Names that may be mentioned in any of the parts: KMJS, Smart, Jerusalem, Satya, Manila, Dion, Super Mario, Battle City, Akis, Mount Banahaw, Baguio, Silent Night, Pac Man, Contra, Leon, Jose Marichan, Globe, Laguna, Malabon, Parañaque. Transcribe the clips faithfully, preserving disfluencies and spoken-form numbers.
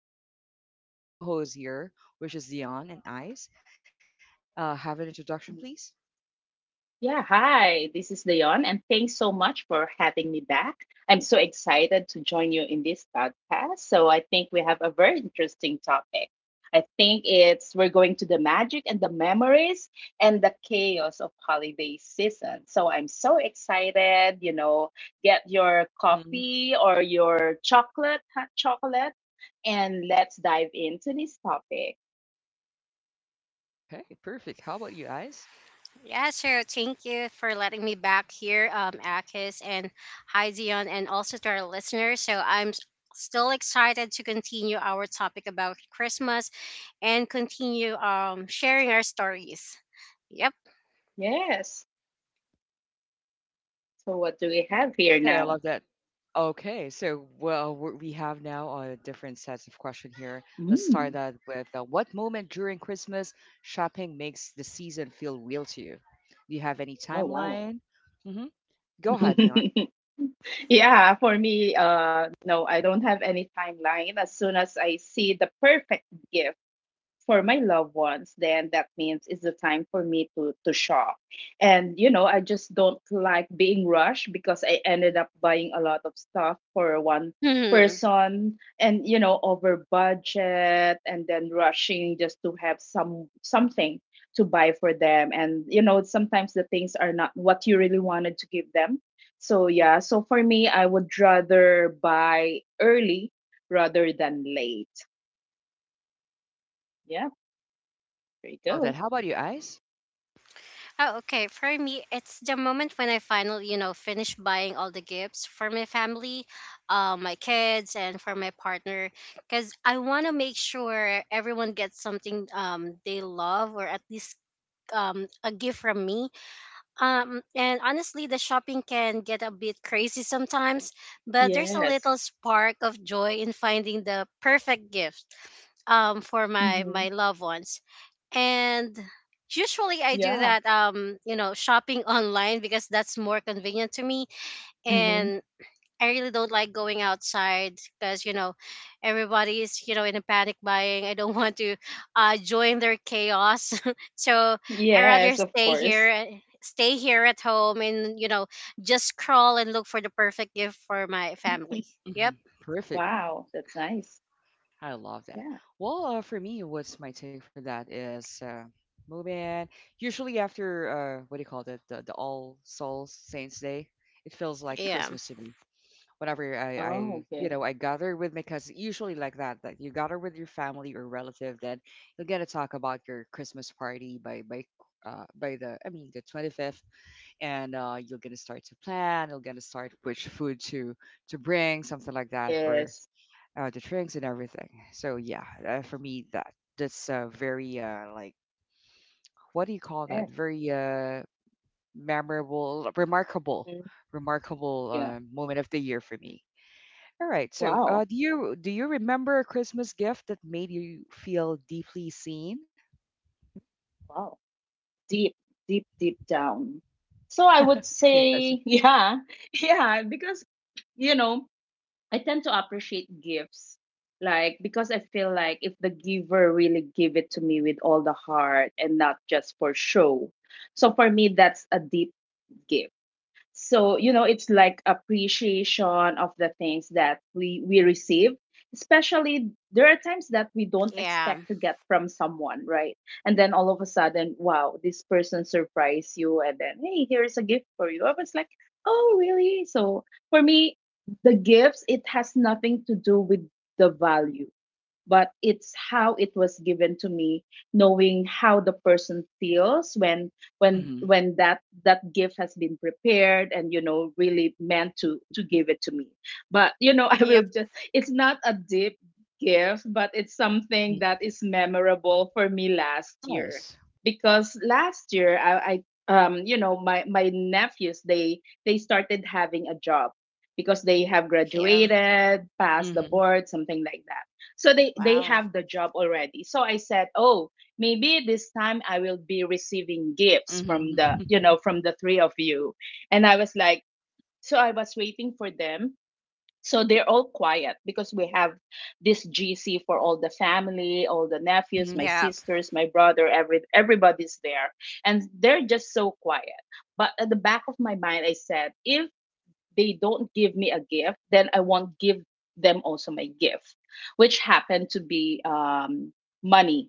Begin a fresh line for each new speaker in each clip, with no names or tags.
And I've still have the co- two co hosts here, which is Dion and Ice. Uh, have an introduction, please.
Yeah, hi, this is Leon, and thanks so much for having me back. I'm so excited to join you in this podcast. So, I think we have a very interesting topic. I think it's we're going to the magic and the memories and the chaos of holiday season. So, I'm so excited. You know, get your
Mm-hmm.
coffee or your chocolate, hot chocolate, and let's dive into this topic.
Okay, perfect. How about you, Ice?
Yeah, sure. Thank you for letting me back here, um, Akis, and hi Dion, and also to our listeners. So I'm s- still excited to continue our topic about Christmas and continue um sharing our stories. Yep.
Yes. So, what do we have here
Okay, I
now?
love that. Okay, so well, we we have now uh, different sets of question here. Let's start
Mm.
that with uh, what moment during Christmas shopping makes the season feel real to you? Do you have
Oh,
any
wow.
timeline? hmm Go ahead, Dion.
Yeah, for me, uh, no, I don't have any timeline. As soon as I see the perfect gift for my loved ones, then that means it's the time for me to to shop. And you know, I just don't like being rushed because I ended up buying a lot of stuff for one
Hmm.
person, and you know, over budget, and then rushing just to have some something to buy for them. And you know, sometimes the things are not what you really wanted to give them. So yeah, so for me, I would rather buy early rather than late. Yeah, there you
I
go.
love that. How about you, Ice?
Oh, okay. For me, it's the moment when I finally, you know, finish buying all the gifts for my family, uh, my kids, and for my partner, because I want to make sure everyone gets something um they love, or at least um, a gift from me. Um, and honestly, the shopping can get a bit crazy sometimes, but there's a
Yes.
little spark of joy in finding the perfect gift um, for my, my
Mhm.
loved ones. And usually I do
Yeah.
that, um, you know, shopping online because that's more convenient to me.
Mhm.
And I really don't like going outside because you know everybody's, you know, in a panic buying. I don't want to uh, join their chaos, so I rather
Yes, of
stay here,
course.
uh, stay here at home, and you know just scroll and look for the perfect gift for my family. Yep.
hmm Perfect.
Wow, that's nice.
I love that.
Yeah.
Well, uh, for me, what's my take for that is uh, moving. Usually after uh, what do you call that? The, the All Souls Saints Day, it feels like
Yeah.
Christmas to me whenever I, I
Oh,
you
okay.
know I gather with my cousin, usually like that, that you gather with your family or relative, then you'll get to talk about your Christmas party by by uh, by the, I mean, the twenty-fifth, and uh, you're gonna start to plan, you're gonna start which food to to bring, something like that, or
Yes.
uh, the drinks and everything. So yeah, uh, for me, that that's uh, very uh, like, what do you call that,
Yes.
very uh, memorable, remarkable
Mhm.
remarkable
Yeah.
uh, moment of the year for me. All right. So,
Wow.
uh, do you, do you remember a Christmas gift that made you feel deeply seen?
Wow. Deep, deep, deep down. So I would
Yes.
say, yeah, yeah, because you know, I tend to appreciate gifts. Like, because I feel like if the giver really give it to me with all the heart and not just for show. So for me, that's a deep gift. So, you know, it's like appreciation of the things that we we receive. Especially there are times that we don't
Yeah.
expect to get from someone, right? And then all of a sudden, wow, this person surprised you and then, hey, here's a gift for you. I was like, oh, really? So for me, the gifts, it has nothing to do with the value, but it's how it was given to me, knowing how the person feels when when
hmm
when that that gift has been prepared and you know really meant to to give it to me. But you know, I will
Yep.
just, it's not a deep gift, but it's something
hmm
that is memorable for me last year.
Yes.
Because last year i, I, um, you know, my my nephews, they they started having a job because they have
Yeah.
graduated, passed the
hmm
board, something like that. So they they
Wow.
have the job already. So I said, "Oh, maybe this time I will be receiving gifts from the,
hmm
you know, from the three of you." And I was like, so I was waiting for them. So they're all quiet because we have this G C for all the family, all the nephews,
hmm
my
Yeah.
sisters, my brother, every everybody's there. And they're just so quiet. But at the back of my mind I said, if they don't give me a gift, then I won't give them also my gift, which happened to be, um, money.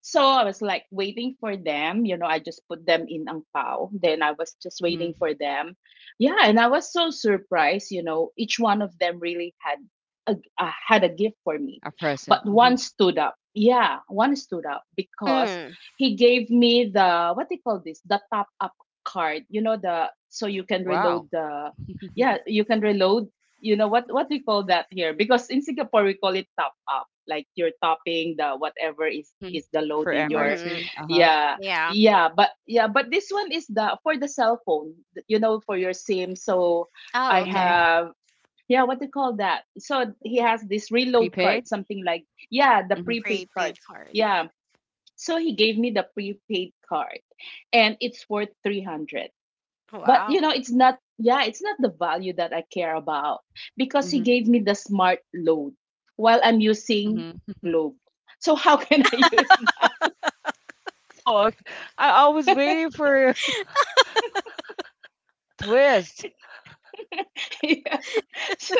So I was like waiting for them. You know, I just put them in ang pao. Then I was just
hmm
waiting for them. Yeah, and I was so surprised. You know, each one of them really had a, uh, had a gift for me,
A
but
present. Hmm
one stood up. Yeah, one stood up because
Mm.
he gave me the, what they call this, the top up card. You know, the, so you can
Wow.
reload the, yeah, you can reload. You know what what we call that here, because in Singapore we call it top up, like you're topping the whatever is
hmm
is the load
For
in your,
Mm-hmm.
M R T. Uh huh.
yeah.
Yeah.
Yeah, but yeah, but this one is the for the cell phone, you know, for your sim. So
Oh,
I
hmm
okay.
have, yeah, what do you call that, so he has this reload
Prepaid.
card, something like, yeah, the
A
Hmm
prepaid card.
pre-paid card.
Yeah, so he gave me the prepaid card, and it's worth three hundred. But you
Wow.
know, it's not, yeah, it's not the value that I care about. Because
hmm
he gave me the smart load while I'm using
hmm
globe, so how can I use that?
Oh, okay. I, I was waiting for a twist.
Yeah. So,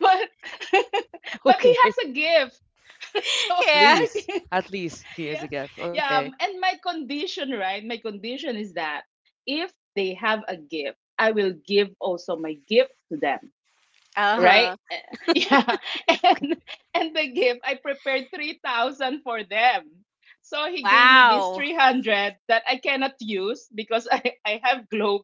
but but he has
Okay.
a gift. So
At
Yeah.
my
least.
thing,
At least he
yeah,
is a gift.
yeah,
Okay.
um, and my condition, right, my condition is that if they have a gift, I will give also my gift to them,
Uh
right?
huh.
Yeah.
Okay.
And and the gift, I prepared three thousand for them. So he gave me this
Wow.
three hundred that I cannot use because I, I have glow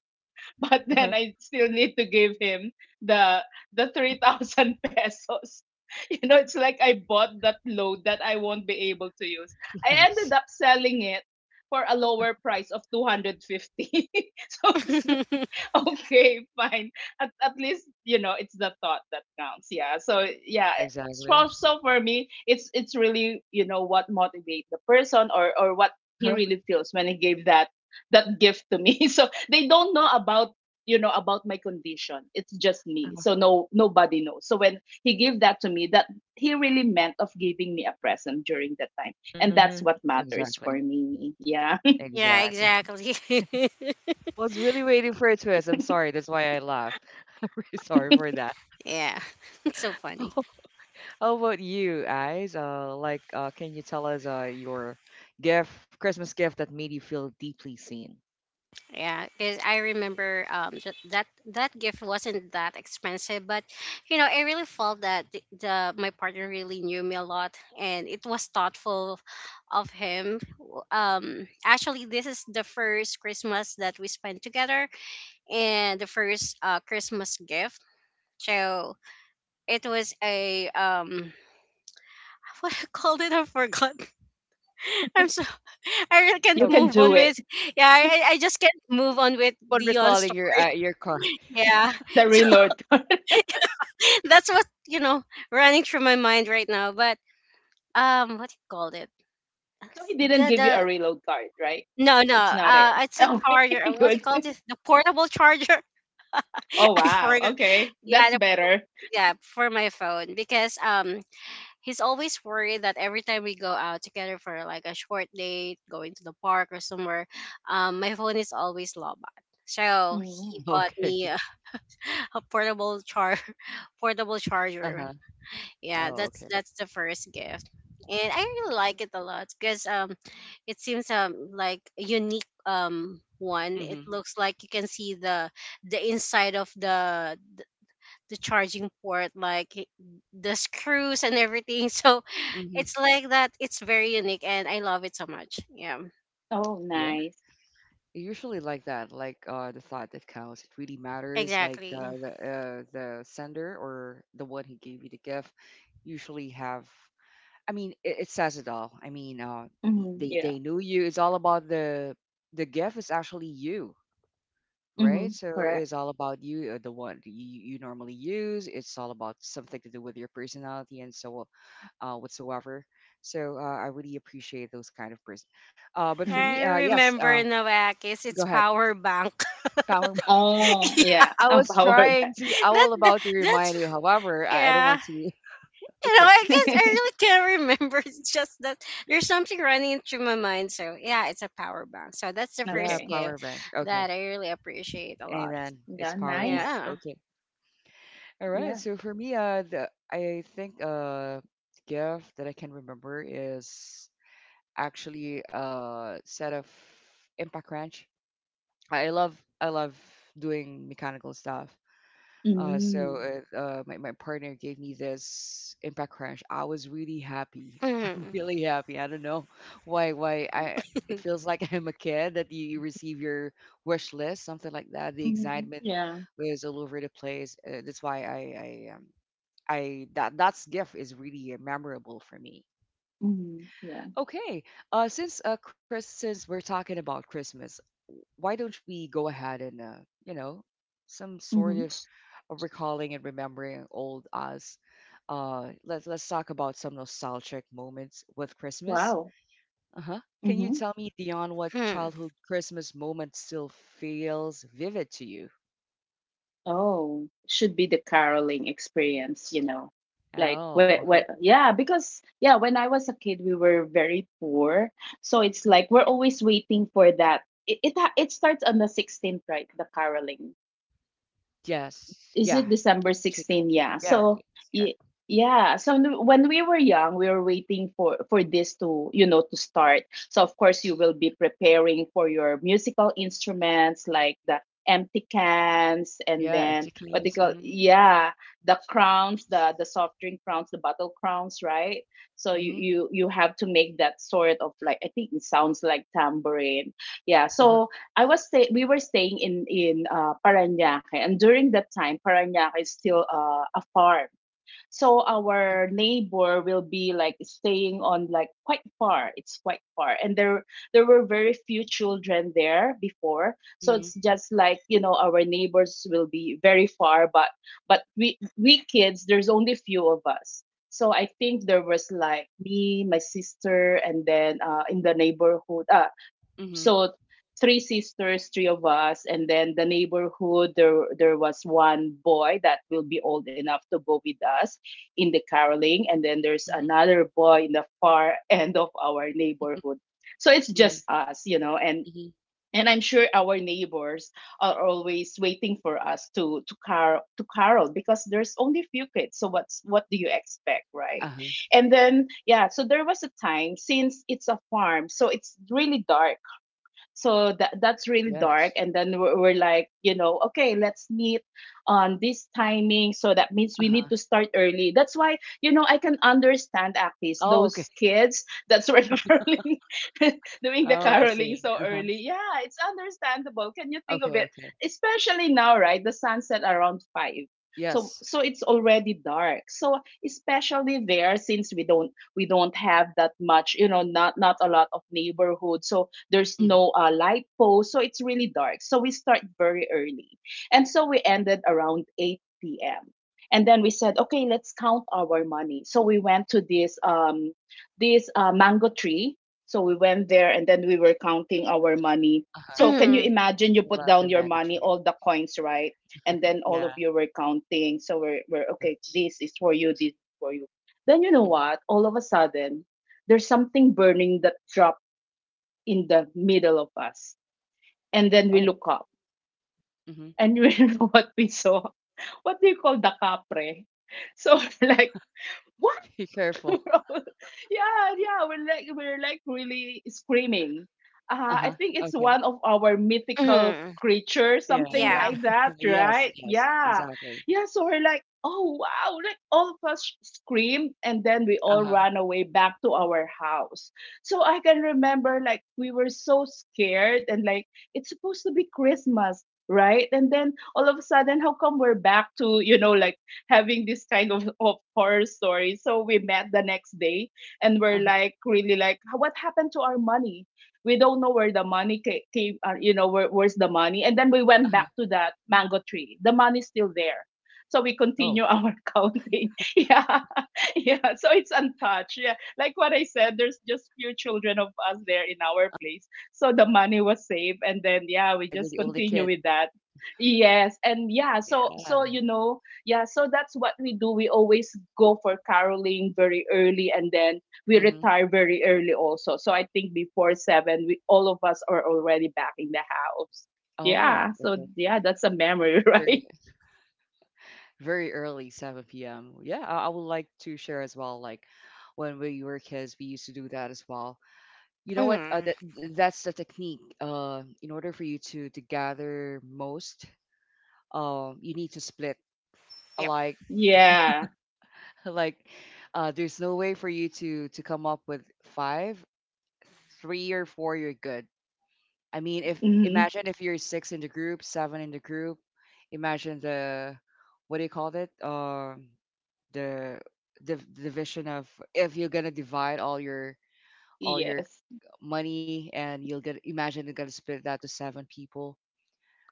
but
uh
then I still need to give him the the three thousand pesos. You know, it's like I bought that load that I won't be able to use. I ended
Yes.
up selling it for a lower price of two hundred fifty. So it's like, okay, fine. At, at least, you know, it's the thought that counts. Yeah. So, yeah.
Yeah,
So,
exactly.
so for me, it's it's really, you know, what motivates the person, or, or what he
Uh-huh.
really feels when he gave that that gift to me. So they don't know about, you know, about my condition, it's just me,
Uh-huh.
so no, nobody knows. So when he gave that to me, that he really meant of giving me a present during that time, and
hmm
that's what matters for
Exactly.
me. Yeah.
Yeah,
Exactly.
exactly.
I was really waiting for a twist. I'm sorry. That's why I laughed. Really sorry for that.
Yeah, it's so funny.
How about you, guys? Uh, like, uh, can you tell us uh, your gift, Christmas gift that made you feel deeply seen?
Yeah, because I remember um ju- that that gift wasn't that expensive, but you know I really felt that the, the my partner really knew me a lot, and it was thoughtful of him. W- Um, actually, this is the first Christmas that we spent together, and the first uh Christmas gift. So it was a um what I called it I forgot I'm so I really can't
You
Oh,
can
move
do
on
it.
with yeah I, I I just can't move on with
keep on
Dion
recalling your
story,
uh, your car.
yeah.
The
So
reload.
that's what you know running through my mind right now, but um what do you called it?
So he
the
didn't give you
the
a reload card, right?
no,
It's
no,
not
uh
it,
it's a
okay,
charger. Uh, what do you
good.
call this, the portable charger?
Oh
I
wow,
forgot.
okay,
Yeah,
that's
the,
better.
yeah, for my phone, because um he's always worried that every time we go out together for like a short date going to the park or somewhere, um my phone is always low, so he
Mhm.
bought
Okay.
me a portable char portable charger.
Uh-huh.
Yeah,
Oh,
that's
okay.
that's the first gift. And I really like it a lot because um it seems um like a unique um one. It
Mm-hmm.
looks like you can see the the inside of the the charging port like i- the screws and everything. So
Mm-hmm.
it's like that, it's very unique and I love it so much. Yeah.
Oh
Yeah.
nice.
Usually like that, like uh the thought that counts, it really matters. Like
Exactly.
the the, uh, the sender or the one who gave you the gift usually have, I mean, it, it says it all, I mean, uh y-
Hmm,
they
yeah.
they knew you. It's all about the the gift is actually you, right?
Hmm,
So
correct.
it's all about you, uh, the one that you, you normally use. It's all about something to do with your personality and so, uh, whatsoever. So uh, I really appreciate those kind of person. uh, but for
I
me,
Hmm.
uh, yes
remember
uh,
Noakis,
go
it's
ahead.
power bank.
Power bias.
Oh yeah,
I
a
was
power
trying
bank.
to, I
that,
was
that
about to
that's
remind you. However, I, I don't
yeah.
want to.
You know,
Okay.
I guess I really can't remember. It's just that there's something running through my mind. So yeah, it's a power bank. So that's the first
Yeah,
Okay.
gift
power bank.
that
Okay.
I really appreciate a lot.
Amen.
Yeah,
It's power bank.
nice.
Yeah.
Okay. All
Yeah.
right. So for me, uh, the, I think uh, gift that I can remember is actually a set of impact wrench. I I love, I love doing mechanical stuff. Uh,
Mm.
so uh, uh, my, my partner gave me this impact crash. I was really happy. I'm
Mm-hmm.
really happy. I don't know why why I, it feels like I'm a kid that you, you receive your wish list, something like that. The
Mhm.
excitement
Yeah.
was all over the place. Uh, that's why I I um, I that that's gift is really uh, memorable for me.
Mhm. Yeah.
Okay. Uh, since uh, Chris, since we're talking about Christmas, why don't we go ahead and, uh, you know, some sort
Mhm.
of uh, recalling and remembering old us. Uh, let's let's talk about some nostalgic moments with Christmas.
Wow.
Uh huh. Can you
Mhm.
tell me, Dion, what
Mm-hmm.
childhood Christmas moment still feels vivid to you?
Oh, should be the caroling experience, you know. Like
Oh,
what what
uh-huh.
yeah, because yeah, when I was a kid we were very poor. So it's like we're always waiting for that. It it, ha- it starts on the sixteenth, right? The caroling.
Yes.
Is
Yeah.
it December
Chick-
16? Yeah.
Yeah.
So
yes, Yeah.
y- yeah. So n- when we were young, we were waiting for for this to, you know, to start. So of course you will be preparing for your musical instruments like the empty cans, and
Yeah.
then what they
Chickens.
call,
Mm-hmm.
yeah, the crowns, the the soft drink crowns, the bottle crowns, right? So you
Mm-hmm.
you you have to make that sort of, like, I think it sounds like tambourine, yeah.
Uh-huh.
So I was stay we were staying in in, uh, Parañaque, and during that time, Parañaque is still, uh, a farm. So
Mm-hmm.
our neighbor will be like staying on like quite far. It's quite far, and there there were very few children there before. So
Mm-hmm.
it's just like, you know, our neighbors will be very far, but but we we kids, there's only few of us. So I think there was like me, my sister, and then, uh, in the neighborhood, uh, so three sisters, three of us, and then the neighborhood. There, there was one boy that will be old enough to go with us in the caroling, and then there's
Mm-hmm.
another boy in the far end of our neighborhood. So it's
Mhm,
just us, you know, and
mhm.
and I'm sure our neighbors are always waiting for us to to car to carol because there's only few kids. So what's what do you expect, right?
Uh-huh,
And then yeah, so there was a time since it's a farm, so it's really dark, so that that's really dark,
yes.
and then we're, we're like, you know, okay, let's meet on this timing, so that means we need to
Uh-huh.
start early. That's why, you know, I can understand Actis,
Oh,
those
okay.
kids that's where caroling doing the
Oh, I
caroling
see.
so
Uh-huh.
early, yeah, it's understandable, can you think of
Okay,
it.
okay.
Especially now, right, the sunset around five. So
Yes.
so it's already dark, so especially there, since we don't we don't have that much, you know, not not a lot of neighborhood. So there's
Mhm,
no, uh, light post, so it's really dark. So we start very early, and so we ended around eight p m. And then we said, okay, let's count our money. So we went to this, um, this uh, mango tree. So we went there, and then we were counting our money.
uh-huh.
So can you
Hmm.
imagine? You put
Love
down
the
your
mango
money,
tree.
all the coins, right? And then all of
Yeah.
you were counting. So we're, we're
Uh-huh.
okay, this is for you, this is for you. Then you know
Mhm.
what? All of a sudden, there's something burning that drop in the middle of us. And then
Oh.
we look up,
Mhm.
and you know what we saw? What do you call, the capre? So like, what?
Be careful.
Yeah, yeah, we're like we're like really screaming.
Uh-huh.
Uh, I think it's
Okay.
one of our mythical
Hmm.
creatures,
Yeah.
something
Yeah.
like that,
Yes,
right?
yes.
Yeah,
Exactly.
yeah. So we're like, oh wow, like all of us screamed, and then we all
Uh-huh.
ran away back to our house. So I can remember like we were so scared, and like it's supposed to be Christmas. Right, and then all of a sudden, how come we're back to you know like having this kind of, of horror story. So we met the next day and we're
Uh-huh.
like really like what happened to our money? We don't know where the money ca- came, uh, you know, where, where's the money? And then we went
Uh-huh.
back to that mango tree. The money's still there. So we
Oh.
continue our counting. Yeah. Yeah. So it's untouched. Yeah. Like what I said, there's just few children of us there in our place. So the money was saved. And then, yeah,
Uh,
we
you're the
just
only kid.
continue with that. Yes, and yeah, so
Yeah.
so you know, yeah, so that's what we do. We always go for caroling very early, and then we
Mm-hmm.
retire very early also. So I think before seven, we all of us are already back in the house.
Oh,
Yeah, so
okay.
yeah, that's a memory,
Very,
right?
very early, seven p m. Yeah, I, I would like to share as well. Like when we were kids, we used to do that as well. You know what? Uh,
Hmm.
that that's the technique. Uh, in order for you to to gather most, um, you need to split.
Yep.
Like
Yeah.
like, uh, there's no way for you to to come up with five, three or four. You're good. I mean, if,
Hmm.
imagine if you're six in the group, seven in the group. Imagine the, what do you call it? Um, the the division of, if you're gonna divide all your all your
Yes.
money and you'll get, imagine you're gonna split that to seven people.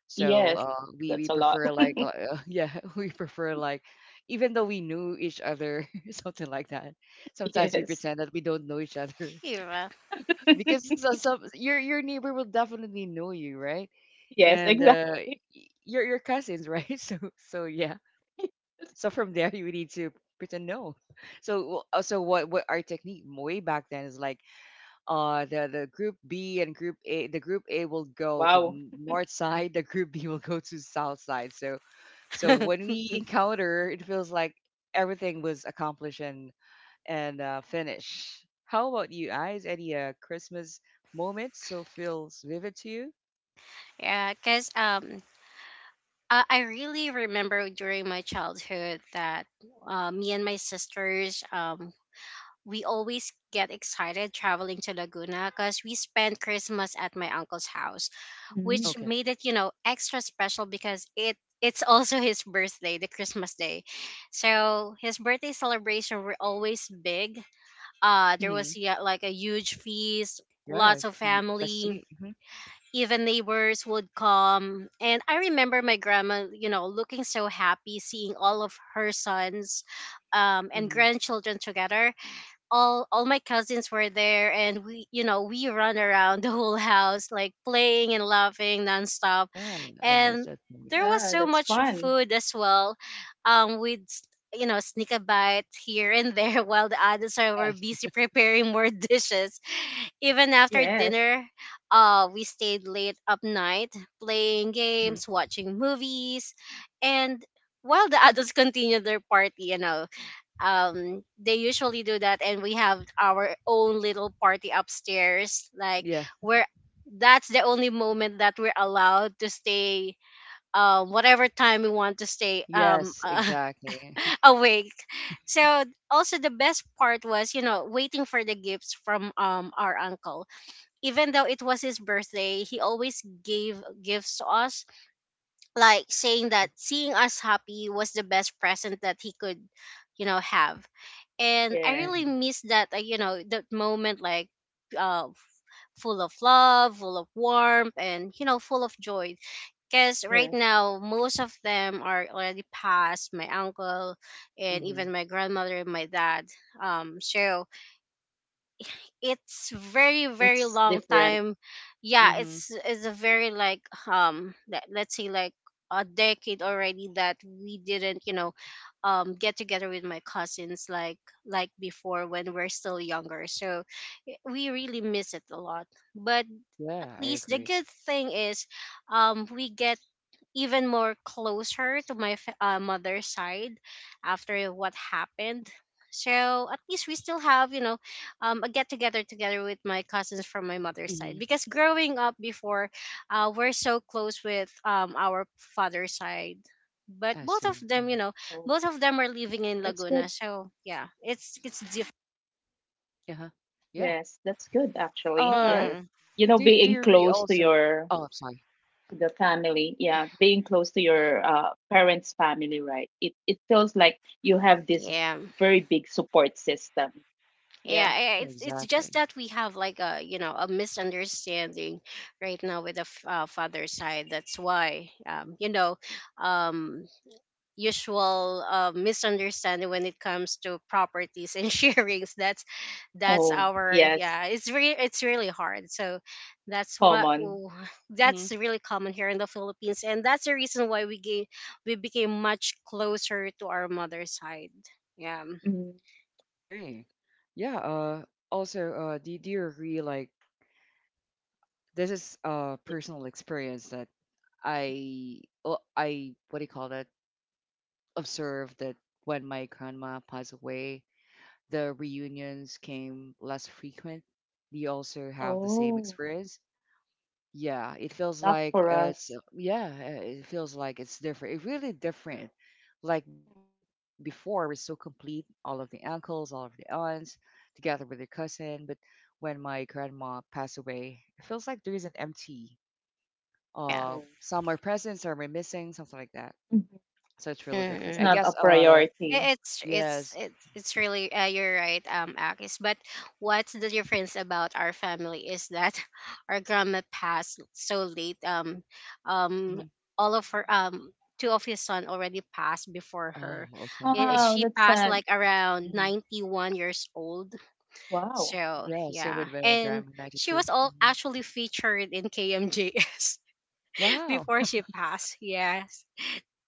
So
Yes.
uh, we
That's
we
a lot.
prefer like uh, uh, yeah we prefer like, even though we knew each other something like that. Sometimes we
Yes.
pretend that we don't know each other
Yeah.
because so- some, your your neighbor will definitely know you, right?
Yes,
And uh, y-
exactly.
your your cousins, right? So so yeah, so from there you need to pretend, no. So w- uh, so what what our technique way back then is like, uh the the group B and group A, the group A will go to
Wow.
n- north side, the group B will go to south side. So so when we encounter, it feels like everything was accomplished and and uh, finished. How about you, eyes? Any uh, Christmas moment still feels vivid to you?
Yeah. Cause um. Uh, I really remember during my childhood that uh, me and my sisters, um, we always get excited traveling to Laguna because we spent Christmas at my uncle's house,
Mhm.
which
Okay
made it, you know, extra special because it it's also his birthday, the Christmas day. So his birthday celebration were always big. Uh there
mm-hmm
was, yeah, like a huge feast, lots
yes
of
fe-
family,
festive mm-hmm.
even neighbors would come. And I remember my grandma, you know, looking so happy seeing all of her sons um, and
Mm-hmm.
grandchildren together. all all my cousins were there and we, you know, we run around the whole house like playing and laughing nonstop,
yeah I miss
and
that
there
moment
was
Yeah,
so
that's
much
fun.
food as well. um we'd s- you know, sneak a bite here and there while the others are- were
yes
busy preparing more dishes. Even after
Yes.
dinner uh we stayed late up night playing
mm-hmm.
games, watching movies, and while the adults continued their party, you know, um they usually do that, and we have our own little party upstairs like
yeah
we're that's the only moment that we're allowed to stay um whatever time we want to stay um
yes
uh,
exactly
awake. So also the best part was, you know, waiting for the gifts from um our uncle. Even though it was his birthday, he always gave gifts to us, like saying
mm-hmm.
that seeing us happy was the best present that he could, you know, have. And I really
Yes.
miss that, uh, you know, that moment like uh full of love, full of warmth, and you know full of joy, because right
Yes.
now most of them are already passed. My uncle and
Mm-hmm.
even my grandmother and my dad, um so it's very
It's
very long
different.
time. Yeah,
Mm-hmm.
it's it's a very like um let, let's say like a decade already that we didn't, you know, um get together with my cousins like like before, when we're still younger. So i- we really miss it a lot. But at
Yeah, I
least the
agree.
good thing is um we get even more closer to my fa- uh, mother's side after what happened. So at least we still have, you know, um, a get together together with my cousins from my mother's side.
Hmm
Because growing up before, uh, we're so close with um, our father's side. But
I
both of
see.
them, you
Hmm
know,
Oh,
both of them are
yeah.
living in
That's good.
Laguna. So yeah, it's it's different.
Uh-huh. Yeah.
Yes, that's good actually. Yeah.
Uh,
Mm,
You
do,
know,
do you agree
being close
also?
to
Oh, I'm
your
sorry.
to the family, yeah, being close to your uh, parents' family, right? It it feels like you have this
yeah.
very big support system.
Yeah,
Yeah.
I-
Yeah,
I- it's it's just
exactly.
that we have like a you know a misunderstanding right now with the f- uh, father side. That's why, um, you know, um, usual uh, misunderstanding when it comes to properties and sharings. That's that's
Oh,
our,
yes,
yeah. It's really it's really hard. So that's what
common.
w-
Mm-hmm.
that's really common here in the Philippines, and that's the reason why we gave, we became much closer to our mother's side. Yeah,
Mhm.
Agree. Yeah. Uh, also, uh, do, do you agree? Like, this is a
Yeah.
personal experience that I, well, I, what do you call that? Observed that when my grandma passed away, the reunions came less frequent. Do you also have the same
Oh,
experience? Yeah, it feels
not
like
for
uh, it's
us.
uh, yeah, uh, it feels like it's different. It's really different. Like
Mm,
before, we're so complete, all of the uncles, all of the aunts, together with their cousin. But when my grandma passed away, it feels like there is an empty.
yeah.
Uh,
no.
some are present, some are missing, something like that.
Mhm.
So it's really
It's
different, I
Mm-mm.
not a
guess. Uh,
priority.
I- It's it's
yes.
it's it's really uh, you're right, um, Akis. But what's the difference about our family is that our grandma passed so late. Um, um,
hmm
all of her um two of his son already passed before
Oh,
her.
okay.
I-
hmm
Oh,
She
that's
passed
sad.
like around
hmm
ninety one years old.
Wow.
So
Yeah, same
yeah,
with my
and
grandma,
she was
ninety-two
all
hmm
actually featured in K M J S
Wow.
before she passed. Yes,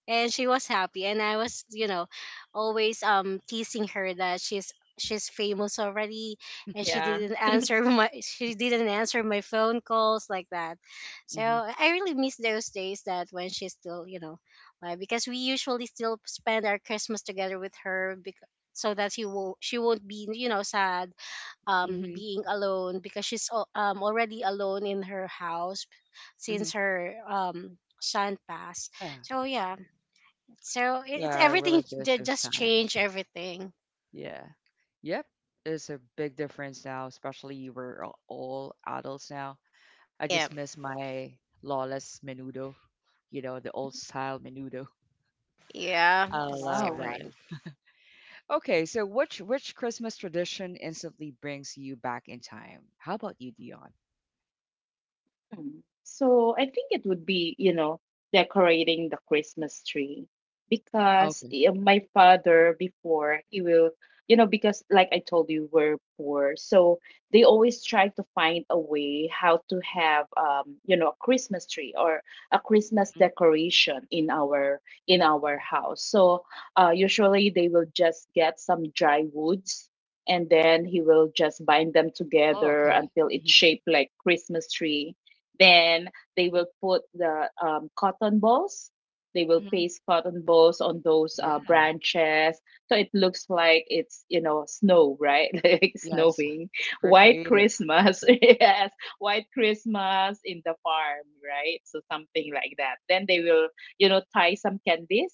and she was happy, and I was, you know, always um teasing her that she's she's famous already, and she
Yeah.
didn't answer my she didn't answer my phone calls like that. So
hmm
I really miss those days that when she's still, you know, live, because we usually still spend our Christmas together with her, because so that she will she won't be, you know, sad um
hmm
being alone, because she's al- um already alone in her house since
hmm
her um son passed.
Yeah.
So yeah, so it-
Yeah,
it's
I
everything
really
ju-
miss those
just
time.
change everything.
Yeah. Yep. It's a big difference now, especially we're a- all adults now. I just
Yeah,
miss my lawless menudo, you know, the
Mm,
old style menudo.
yeah,
I
it's
love
wow.
that.
different.
Okay, so which which Christmas tradition instantly brings you back in time? How about you, Dion?
Mm. So I think it would be, you know, decorating the Christmas tree, because
Okay.
eh, my father before, he will, you know, because like I told you, we're poor, so they always try to find a way how to have, um, you know, a Christmas tree or a Christmas
Mhm.
decoration in our in our house. So uh, usually they will just get some dry woods, and then he will just bind them
Oh,
together
okay.
until it's
Mm-hmm.
shaped like Christmas tree, then they will put the um, cotton balls. They will
Mm-hmm.
paste cotton balls on those uh,
Yeah.
branches, so it looks like it's you know snow, right? Like
Yes.
snowing,
Very
white
creative.
Christmas, yes, white Christmas in the farm, right? So something like that. Then they will you know tie some candies,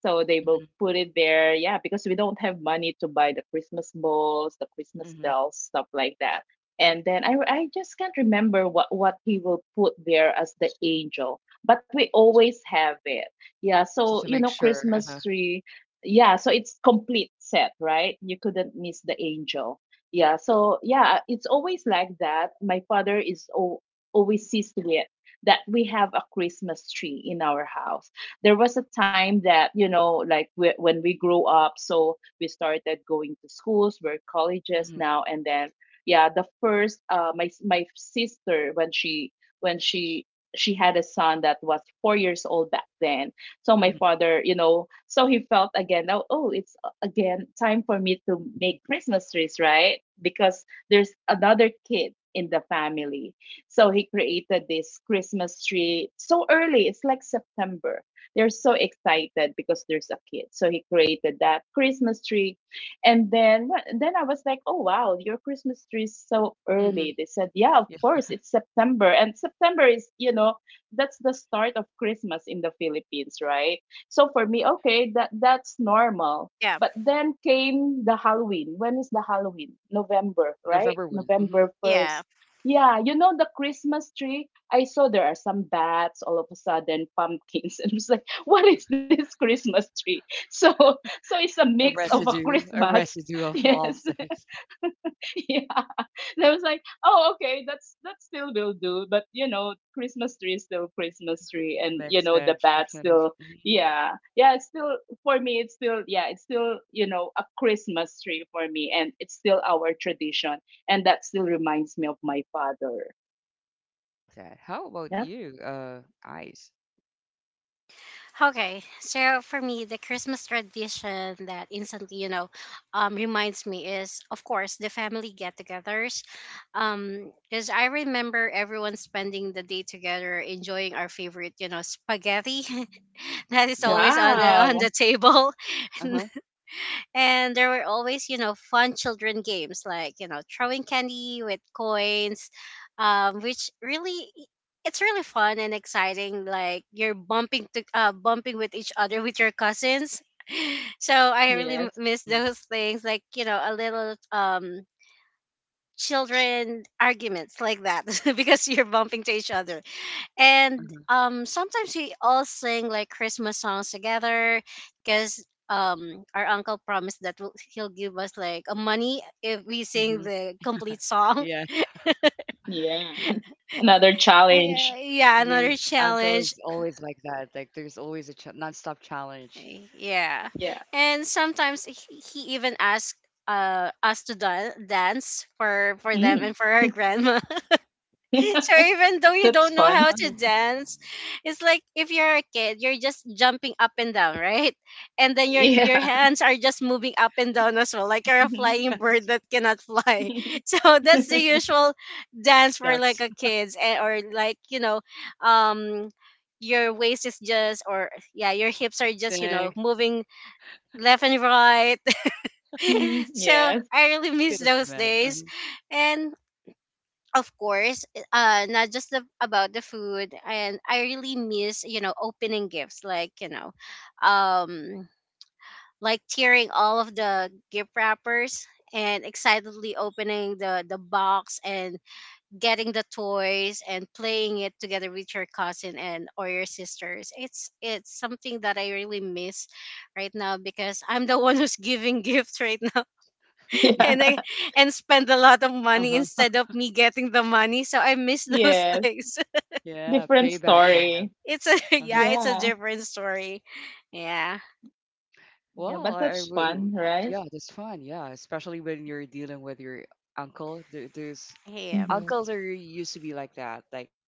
so they will
Mm-hmm.
put it there. Yeah, because we don't have money to buy the Christmas balls, the Christmas
Mm-hmm.
bells, stuff like that. And then I, I just can't remember what, what he will put there as the angel, but we always have it. Yeah, so,
Just to
you know,
make sure.
Christmas
Uh-huh.
tree. Yeah, so it's complete set, right? You couldn't miss the angel. Yeah, so yeah, it's always like that. My father is o always sees to it that we have a Christmas tree in our house. There was a time that you know like we, when we grew up, so we started going to schools, we're colleges
Mm-hmm.
now, and then yeah, the first, uh my my sister, when she when she she had a son that was four years old back then. So my
Mm-hmm.
father, you know, so he felt again, now, oh, it's uh, again time for me to make Christmas trees, right? Because there's another kid in the family. So he created this Christmas tree so early, it's like September, they're so excited because there's a kid. So he created that Christmas tree. And then then I was like, "Oh wow, your Christmas tree is so early."
Mm-hmm.
They said, "Yeah, of course, it's September." And September is, you know, that's the start of Christmas in the Philippines, right? So for me, okay, that that's normal.
Yeah,
But then came the Halloween. When is the Halloween? November, right?
November one. Hmm
November
yeah.
1st. Yeah, you know the Christmas tree I saw, there are some bats, all of a sudden pumpkins, and I was like, "What is this Christmas tree?" So, so it's a
A
mix of a
residue, a
Christmas.
residue of all
Yes,
things.
yeah. And I was like, "Oh, okay, that's that still will do." But you know, Christmas tree is still Christmas tree, and you
Mixed
know the
batch,
bats
mixed manage.
still,
Hmm
yeah, yeah. It's still, for me, it's still, yeah, it's still you know a Christmas tree for me, and it's still our tradition, and that still reminds me of my father.
I love that. How about
Yeah.
you? Uh, ice.
Okay, so for me, the Christmas tradition that instantly, you know, um, reminds me is, of course, the family get-togethers. Um, because I remember everyone spending the day together, enjoying our favorite, you know, spaghetti that is
Yeah.
always on the on
Wow.
the table.
Uh huh.
And there were always, you know, fun children games like, you know, throwing candy with coins, um, which really it's really fun and exciting. Like you're bumping to uh, bumping with each other with your cousins. So I really m-
Yes.
miss
Mhm.
those things, like you know, a little um children arguments like that because you're bumping to each other, and
Mhm.
um sometimes we all sing like Christmas songs together because um our uncle promised that we'll- he'll give us like a money if we sing
Mhm.
the complete song.
Yeah.
Yeah. Another
Your
challenge.
Yeah,
uncle
another
is always like
challenge.
that. Like there's always a ch- non-stop challenge.
Yeah,
Yeah.
and sometimes he, he even asked uh us to dan- dance for for them and
Mm.
for our grandma. So even though you
That's
don't know
fun.
how to
Uh-huh.
dance, it's like if you're a kid, you're just jumping up and down, right? And then your
Mhm.
your
Yeah.
hands are just moving up and down as well, like you're a
Mhm.
flying bird that cannot fly. So that's the usual dance for like
Steps,
a kids eh, or like, you know, um your waist is just or yeah, your hips are just, you know,
twisting.
moving left and right.
Mhm.
So
Yes.
I really miss
Could have
those
met.
days.
Uh-huh.
And of course, uh, not just the, about the food. And I really miss, you know, opening gifts, like, you know, um, like tearing all of the gift wrappers and excitedly opening the, the box and getting the toys and playing it together with your cousin and or your sisters. It's it's something that I really miss right now because I'm the one who's giving gifts, right?
Yeah.
Yeah.
And I and spend a lot of
Uh
money
huh.
instead of me getting the money. So I miss those
Yes.
things.
Yeah. Payback
Different
time.
story.
It's a
Uh huh.
yeah, it's a
Yeah.
different story. Yeah.
Yeah,
Well,
but
I, I
that's
w-
fun, right?
yeah, that's fun. Yeah, especially when you're dealing with your uncle. There, there's
Yeah.
Mm-hmm.
uncles are used to be like that, like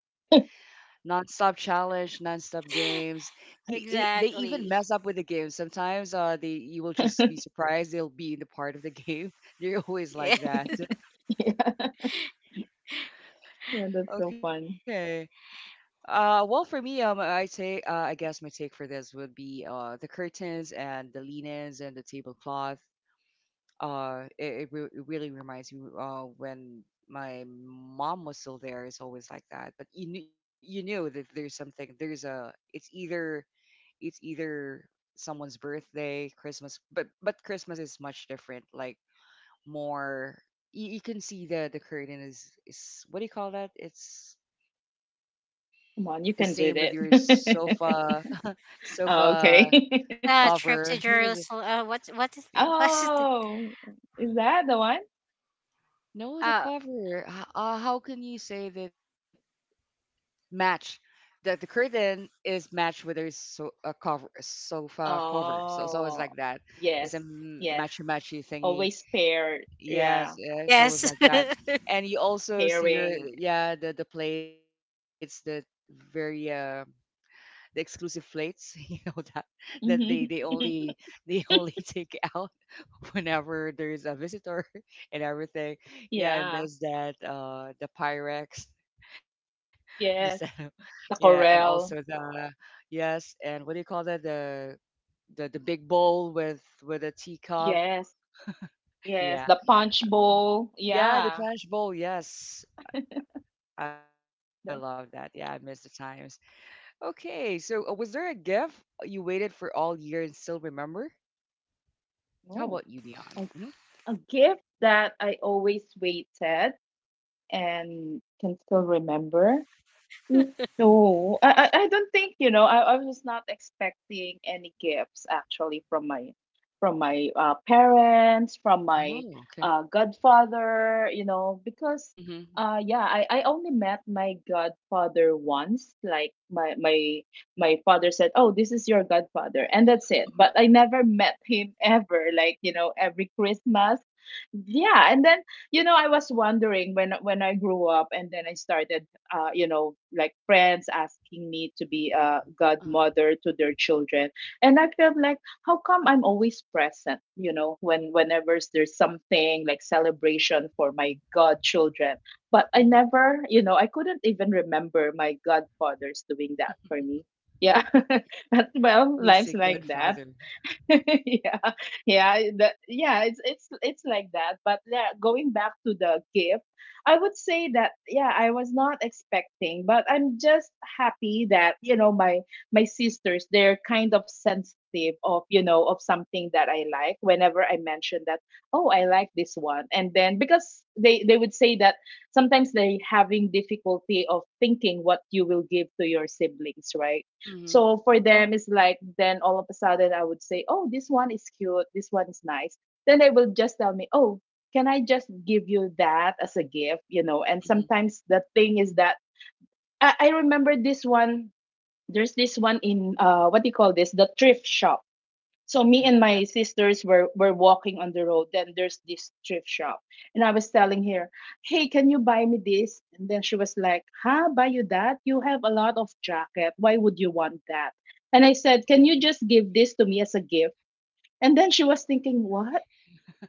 non-stop challenge, non-stop games. He, he, they even mess
Exactly.
up with the game sometimes. Uh, they, you will just be surprised, they'll be in the part of the game. They're
Yeah.
always like that.
Yeah. Yeah, that's so fun.
Okay. Uh, well, for me, um, I take, uh, I guess my take for this would be, uh, the curtains and the linens and the tablecloth. uh it, it, re- it really reminds me uh when my mom was still there, it's always like that. But you kn- you knew that there's something, there's a, it's either, it's either someone's birthday, Christmas, but but Christmas is much different, like more, you, you can see the the curtain is is what do you call that, it's the same
Come
with
on, you
your
can do
sofa
that. Oh,
sofa
okay.
Uh, trip
cover
to Jerusalem. Uh, what what is what's it?
Oh, is that the one?
no the
Uh
cover H- uh, how can you say that, match. The the curtain is matched with their so a cover, sofa cover. So it's always
Oh,
like that. It's a
yes.
m-
Yes.
matchy matchy thingy.
Always paired. Yeah.
Yes, yeah, it's always
yes.
like that. And you also see your,
Pairing.
yeah, the the plates, the very uh the exclusive plates you know that that they they
Mhm.
only, they only take out whenever there's a visitor and everything. Yeah, I
Yeah.
miss that, uh, the pyrex the setup.
Yes.
Yeah, and
The
also
corral.
the yes, and what do you call that? The the the big bowl with with a teacup.
Yes. Yes.
Yeah.
The punch bowl.
Yeah, the
Yeah.
punch bowl. Yes. I love that. Yeah, I
That,
miss the times. Okay, so uh, was there a gift you waited for all year and still remember? How about you,
oh,
Dion?
a,
Hmm.
a gift that I always waited and can still remember. Mm, no, I, I I don't think, you know, I, I was not expecting any gifts actually from my from my uh, parents, from my
Oh, okay.
uh, godfather, you know, because
Mm-hmm.
uh yeah, I, I only met my godfather once. Like my my my father said, "Oh, this is your godfather." And that's it. But I never met him ever, like, you know, every Christmas. Yeah, and then you know, I was wondering when when I grew up, and then I started uh, you know, like friends asking me to be a
Uh, uh,
godmother to their children. And I felt like, how come I'm always present, you know, when whenever there's something like celebration for my godchildren. But I
mm-hmm.
never, you know, I couldn't even remember my godfathers doing that for me. Yeah. That's, well, life's
Missing
like that.
Godfather.
Yeah, yeah, eh, the, yeah. It's it's it's like that. But yeah, going back to the gift, I would say that yeah, I was not expecting, but I'm just happy that you know my my sisters, they're kind of sensitive of you know of something that I like. Whenever I mention that, oh, I like this one, and then because they they would say that sometimes they having difficulty of thinking what you will give to your siblings, right?
Mm-hmm.
So for them, it's like then all of a sudden I would say, "Oh, this one is cute. This one is nice." Then they will just tell me, "Oh, can I just give you that as a gift?" You know. And
Mm-hmm.
sometimes the thing is that I, I remember this one. There's this one in uh, what do you call this? The thrift shop. So me
Okay.
and
Yeah.
my sisters were, were walking on the road, then there's this thrift shop, and I was telling her, hey, can you buy me this? And then she was like, huh, buy you that? You have a lot of jacket. Why would you want that? And I said, can you
Okay.
just give this to me as a gift? And then she was thinking, what?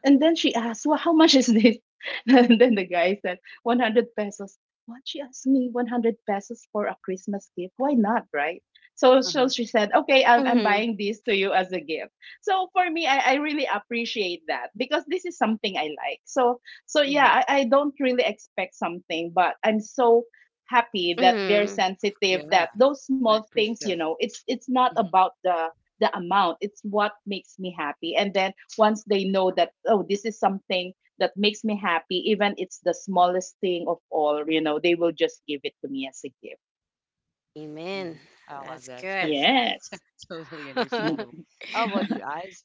And then she asked, "Well, how much is this?" And then the guy said, one hundred pesos. What? She asked me one hundred pesos for a Christmas gift. Why not, right?
Uh-huh.
So, so she said, "Okay, I'm, I'm
Mm-hmm.
buying this to you as a gift." So for me, I, I really appreciate that, because this is something I like. So, so
Mm-hmm.
yeah, I, I don't really expect something, but I'm so happy that they're
Mm-hmm.
sensitive,
Yeah,
that those
very
small things, you
appreciative.
know it's it's not about the the amount. It's what makes me happy. And then once they know that, oh, this is something that makes me happy, even it's the smallest thing of all, you know, they will just give it to me as a gift.
Hmm.
Amen.
I love that.
That's good.
So-
Yes.
Totally understandable. How about you, Eyes?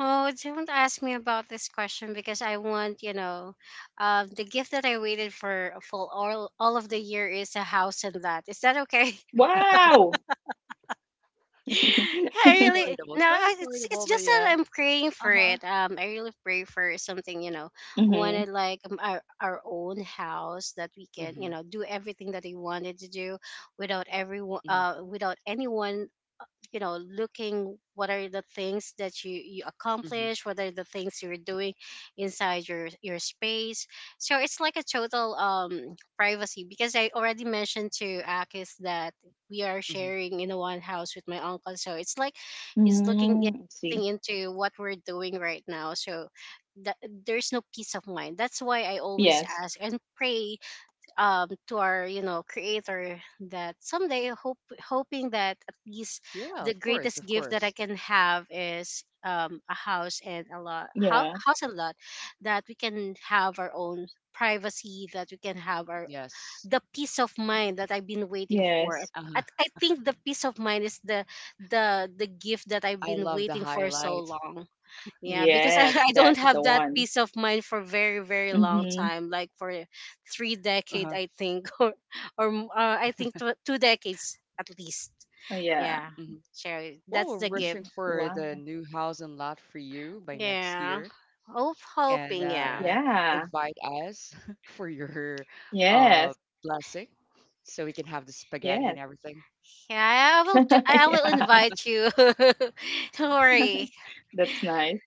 Oh, don't ask me about this question because I want, you know, um, the gift that I waited for for all all of the year is a house and that. Is that okay?
Wow.
I really
Affordable. It's
no.
quite
I- It's it's
affordable, but
just that
yeah.
I'm praying for
Uh-huh.
it. Um, I really pray for something, you know,
Mm-hmm.
wanted like um, our our own house that we can, you
Mm-hmm.
know, do everything that we wanted to do without
Mm-hmm.
everyone, uh, without anyone, you know, looking what are the things that you you
Mm-hmm.
accomplish, what are the things you're doing inside your your space. So it's like a total um privacy, because I already mentioned to Akis that we are
Hmm.
sharing in one house with my uncle. So it's like he's looking in-
Mm-hmm. See.
looking into what we're doing right now, so that there's no peace of mind. That's why I always
Yes.
ask and pray, um to our, you know, creator, that someday hope hoping that at
Yeah, of
least
course, of
the
course.
greatest gift that I can have is um a house and a lot, ho-
Yeah.
house and lot, that we can have our own privacy, that we can have our
Yes.
the peace of mind that I've been
Uh-huh.
waiting for.
Yes.
I, I think the peace of mind is the the
I
the
love
gift
the
that I've been
highlight.
waiting for so long. Yeah, because I,
Yes.
I don't
That's the
have that
one.
peace of mind for very, very long
Mm-hmm.
time, like for
Uh-huh.
three decade, I think, or or m- uh, I think two, two decades at least.
Oh,
Mm-hmm.
yeah.
Yeah, so
Well, we're
that's
rushing
the
Mhm.
gift.
for the new
Wow.
house and lot for you by next year,
Yeah, of
and
hoping.
uh,
Yeah,
Yeah.
invite us for your uh
Yes.
blessing, so we can have the spaghetti and
Yes.
everything.
yeah. I will. Jo- I will
yeah.
invite you. Don't worry.
That's nice.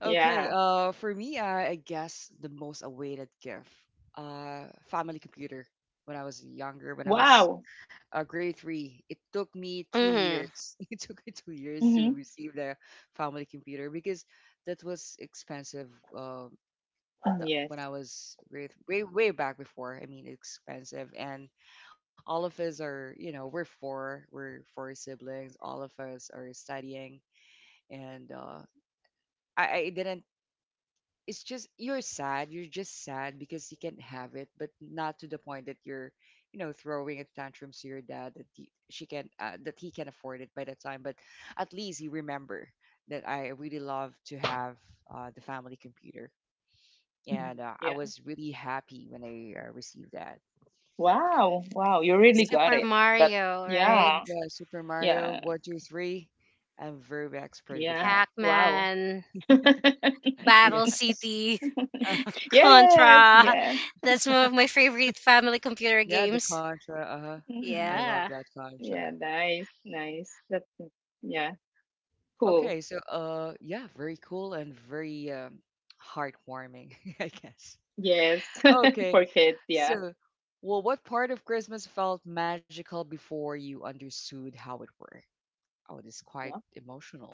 Okay,
Yeah.
uh, for me, I, I guess the most awaited gift, uh, family computer. When I was younger, when I was
Wow.
uh, grade three, it took me two
Hmm
years. It took me two years to
Mhm.
receive the family computer because that was expensive. Uh, the,
Mm,
when I
yes.
was grade, way way back before, I mean, expensive. And all of us are, you know, we're four, we're four siblings. All of us are studying, and uh, I, I didn't. It's just you're sad, you're just sad because you can't have it, but not to the point that you're you know throwing a tantrum to your dad that he, she can uh, that he can afford it by that time, but at least you remember that I really love to have uh, the family computer. And
Mhm.
uh, I
Yeah.
was really happy when I uh, received that.
Wow. Wow. You really
Yeah.
got
Super
it. But
Mario, right?
Hmm.
yeah.
Yeah, Super Mario
Yeah.
one two three. I'm very expert with
Yeah.
that.
Pac
Wow.
Man, Battle
Yes.
City.
Yes.
Contra.
Yeah.
That's one of my favorite family computer
Yeah, the
games.
Contra. Uh-huh. I
Hmm.
love
Yeah.
that Contra.
Yeah. Nice. Nice. That's, yeah. Cool.
Okay, so uh yeah, very cool and very um heartwarming, I guess.
Yes.
Okay,
For kids. Yeah.
so well, what part of Christmas felt magical before you understood how it worked? Oh, this is quite
Wow.
emotional.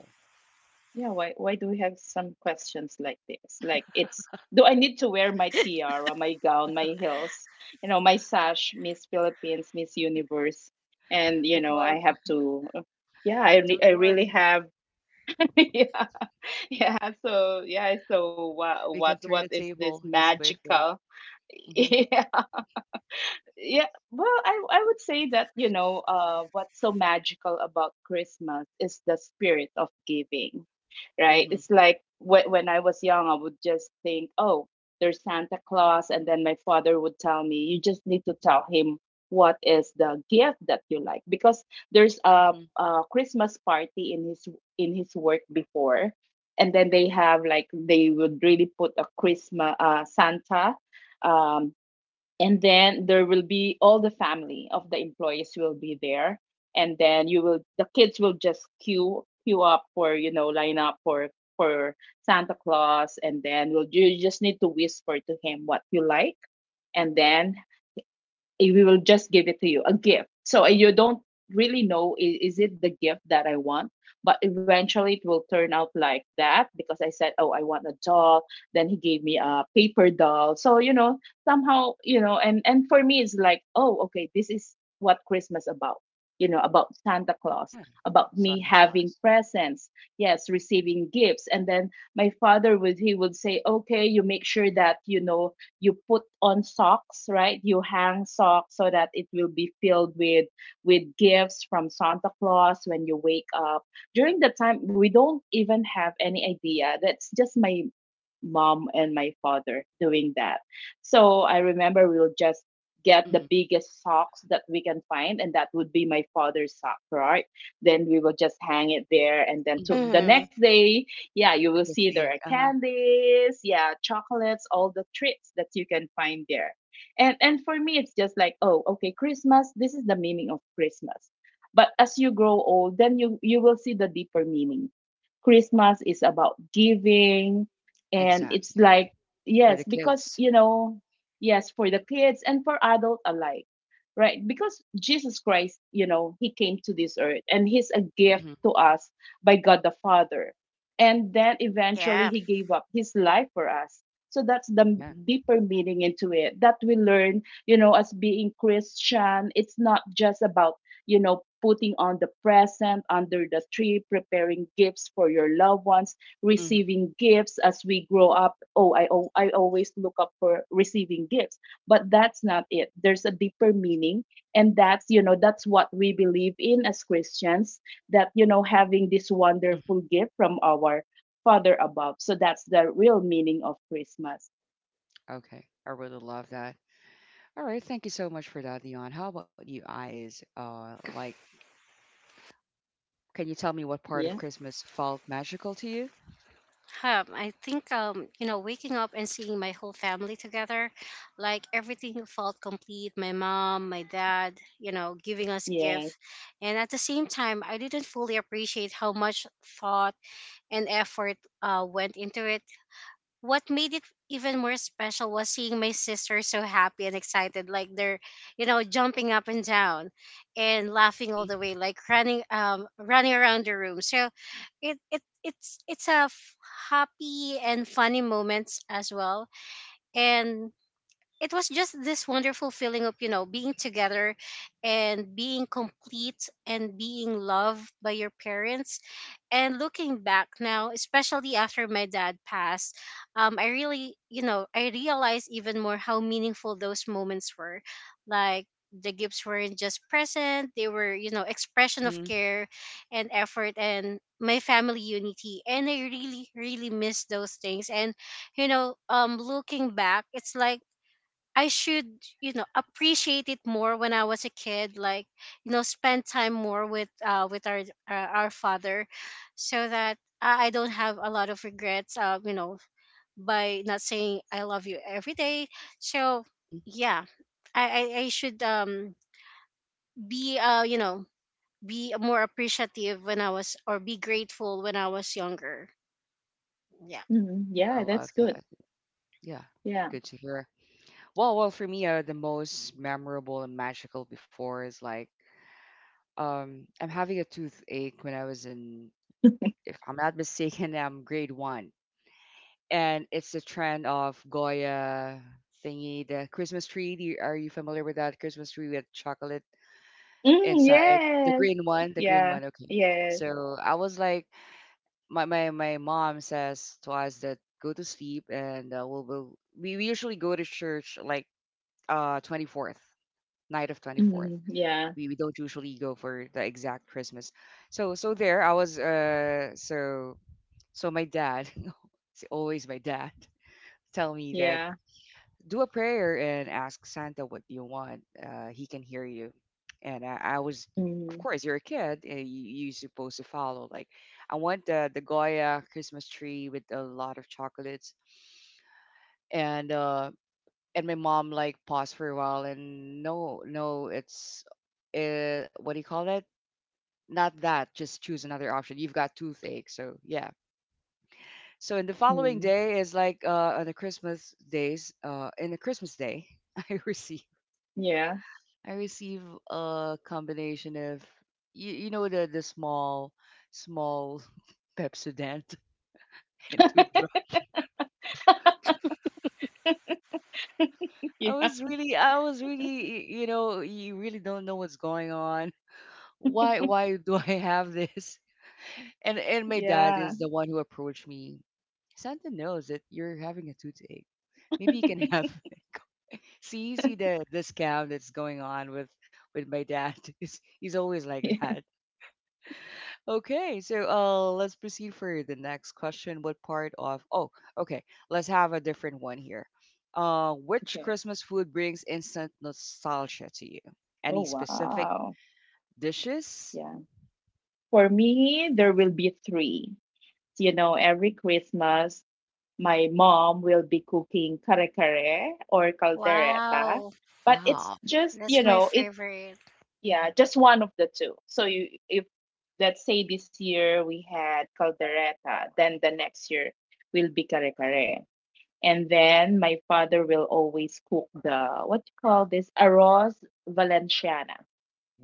Yeah, why why do we have some questions like this? Like it's, do I need to wear my tiara, my gown, my heels, you know, my sash, Miss Philippines, Miss Universe, and
But
you know,
Marv,
I have to, yeah, I re-
don't
I really
worry.
have yeah. Yeah, so yeah, so what
We
what
can turn
what
the
is this
table. Just wait for it.
magical?
Hmm.
Yeah. Well i i would say that you know uh what's so magical about Christmas is the spirit of giving. Right,
Hmm.
it's like wh- when I was young, I would just think, oh, there's Santa Claus. And then my father would tell me, you just need to tell him what is the gift that you like, because there's a,
Hmm.
a Christmas party in his in his work before. And then they have, like, they would really put a Christmas uh, Santa, um, and then there will be all the family of the employees will be there. And then
Hmm.
you will the kids will just queue queue up for, you know, line up for for Santa Claus. And then, will you just need to whisper to him what you like. And then, eh, we will just give it to you a gift, so, eh, you don't really know, is, is it the gift that I want. But eventually it will turn out like that, because I said, oh, I want a doll, then he gave me a paper doll, so you know, somehow, you know, and and for me it's like, oh, okay, this is what Christmas about, you know, about Santa Claus,
Yeah.
about me
Santa
having
Claus.
presents. Yes, receiving gifts. And then my father would he would say, okay, you make sure that you know, you put on socks, right? You hang socks so that it will be filled with with gifts from Santa Claus when you wake up. During the time, we don't even have any idea. That's just my mom and my father doing that. So I remember we'll just get the
Hmm.
biggest socks that we can find, and that would be my father's sock, right? Then we will just hang it there, and then to the
Hmm.
hmm
next day, yeah, you will see there are
Technique. Uh-huh.
candies, yeah, chocolates, all the treats that you can find there. And and for me, it's just like, oh, okay, Christmas, this is the meaning of Christmas. But as you grow old, then you you will see the deeper meaning. Christmas is about giving. And it's
Exactly.
like, yes,
For the
because you
kids.
know, yes, for the kids and for adult alike, right? Because Jesus Christ, you know, he came to this earth and he's a gift
Hmm.
to us by God the Father. And then eventually
Yeah.
he gave up his life for us. So that's the m-
Amen.
deeper meaning into it that we learn, you know, as being Christian. It's not just about, you know, putting on the present under the tree, preparing gifts for your loved ones,
Hmm.
receiving gifts as we grow up. Oh, I, al- I always look up for receiving gifts, but that's not it. There's a deeper meaning. And that's, you know, that's what we believe in as Christians, that, you know, having this
Hmm.
wonderful gift from our Father above. So that's the real meaning of Christmas.
Okay. I really love that. All right, thank you so much for that, Dion. How about you, Eyes? Uh, like, can you tell me what part
Yeah.
of Christmas felt magical to you?
Um, I think um, you know, waking up and seeing my whole family together, like everything felt complete. My mom, my dad, you know, giving us
Yes.
gift, and at the same time, I didn't fully appreciate how much thought and effort uh went into it. What made it even more special was seeing my sister so happy and excited, like they're, you know, jumping up and down and laughing
Hmm.
all the way, like running um running around the room. So it, it it's it's a f- happy and funny moments as well. And it was just this wonderful feeling of, you know, being together and being complete and being loved by your parents. And looking back now, especially after my dad passed, um, I really, you know, I realized even more how meaningful those moments were. Like the gifts weren't just present, they were, you know, expression of
Hmm.
care and effort and my family unity, and I really really miss those things. And you know, um looking back, it's like I should, you know, appreciate it more when I was a kid. Like, you know, spend time more with uh with our uh, our father, so that I I don't have a lot of regrets. Uh, you know, by not saying I love you every day. So
Hmm.
yeah, I I, I should um be uh you know, be more appreciative when I was, or be grateful when I was younger. Yeah.
Mhm.
Yeah, I
Yeah, that's
love
good.
that. Yeah,
Yeah.
good to hear. Well, well, for me, uh, the most memorable and magical before is like, um, I'm having a toothache when I was in, if I'm not mistaken, I'm grade one, and it's the trend of Goya thingy, the Christmas tree. Do you, are you familiar with that Christmas tree with chocolate?
Mm,
Inside the
yes.
green one the green
Yeah.
one Okay.
Yes.
So I was like, my my, my mom says to us that go to sleep, and uh, we'll, we'll we we usually go to church like uh twenty-fourth, night of twenty-fourth.
Mm, yeah.
We, we don't usually go for the exact Christmas. So so there I was, uh so so my dad it's always my dad tell me that
Yeah.
do a prayer and ask Santa what you want. Uh, he can hear you. And I, I was, of
Mm,
course, you're a kid. uh, You, you're supposed to follow. Like, I want the the Goya Christmas tree with a lot of chocolates. And uh, and my mom like paused for a while, and no, no, it's uh, what do you call it? Not that. Just choose another option. You've got toothache. So yeah. So in the following
mm,
day is like uh, on the Christmas days. Uh, in the Christmas day, I received
yeah.
I receive a combination of you, you know the the small small Pepsodent and toothbrush. I
Yeah.
was really I was really y- you know you really don't know what's going on. Why why do I have this? And and my dad
Yeah.
is the one who approached me. Santa knows that you're having a toothache. Maybe you can have see see the the scam that's going on with with my dad. He's, he's always like
Yeah.
that. Okay, so uh, let's proceed for the next question. What part of? Oh, okay. Let's have a different one here. Uh, which
Okay.
Christmas food brings instant nostalgia to you?
Oh,
Any specific
wow.
dishes?
Yeah. For me, there will be three. You know, every Christmas, my mom will be cooking kare kare or caldereta,
Wow.
but it's
Wow,
just, you
That's my
know, it.
favorite.
Yeah, just one of the two. So you, if, let's say this year we had caldereta, then the next year will be kare kare. And then my father will always cook the, what you call this, arroz valenciana.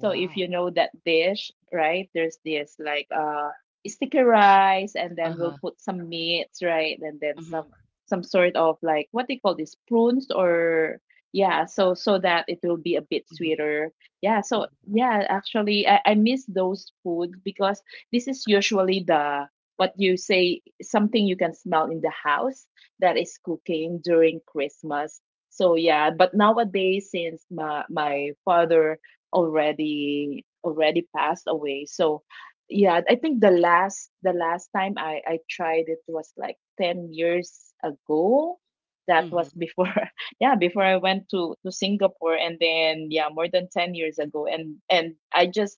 So if you know that dish, right? There's this, like, uh sticky rice, and
Uh
then
huh.
we'll put some meats, right? And then
Mhm.
some some sort of, like, what they call this? Prunes or, yeah, so so that it will be a bit
Mhm.
sweeter. Yeah, so,
Mhm.
yeah, actually I, I miss those food, because this is usually the, what you say, something you can smell in the house that is cooking during Christmas. So yeah, but nowadays, since my my father already already passed away. So yeah, I think the last the last time I I tried it was like ten years ago. That
Mhm.
was before yeah, before I went to to Singapore, and then, yeah, more than ten years ago, and and I just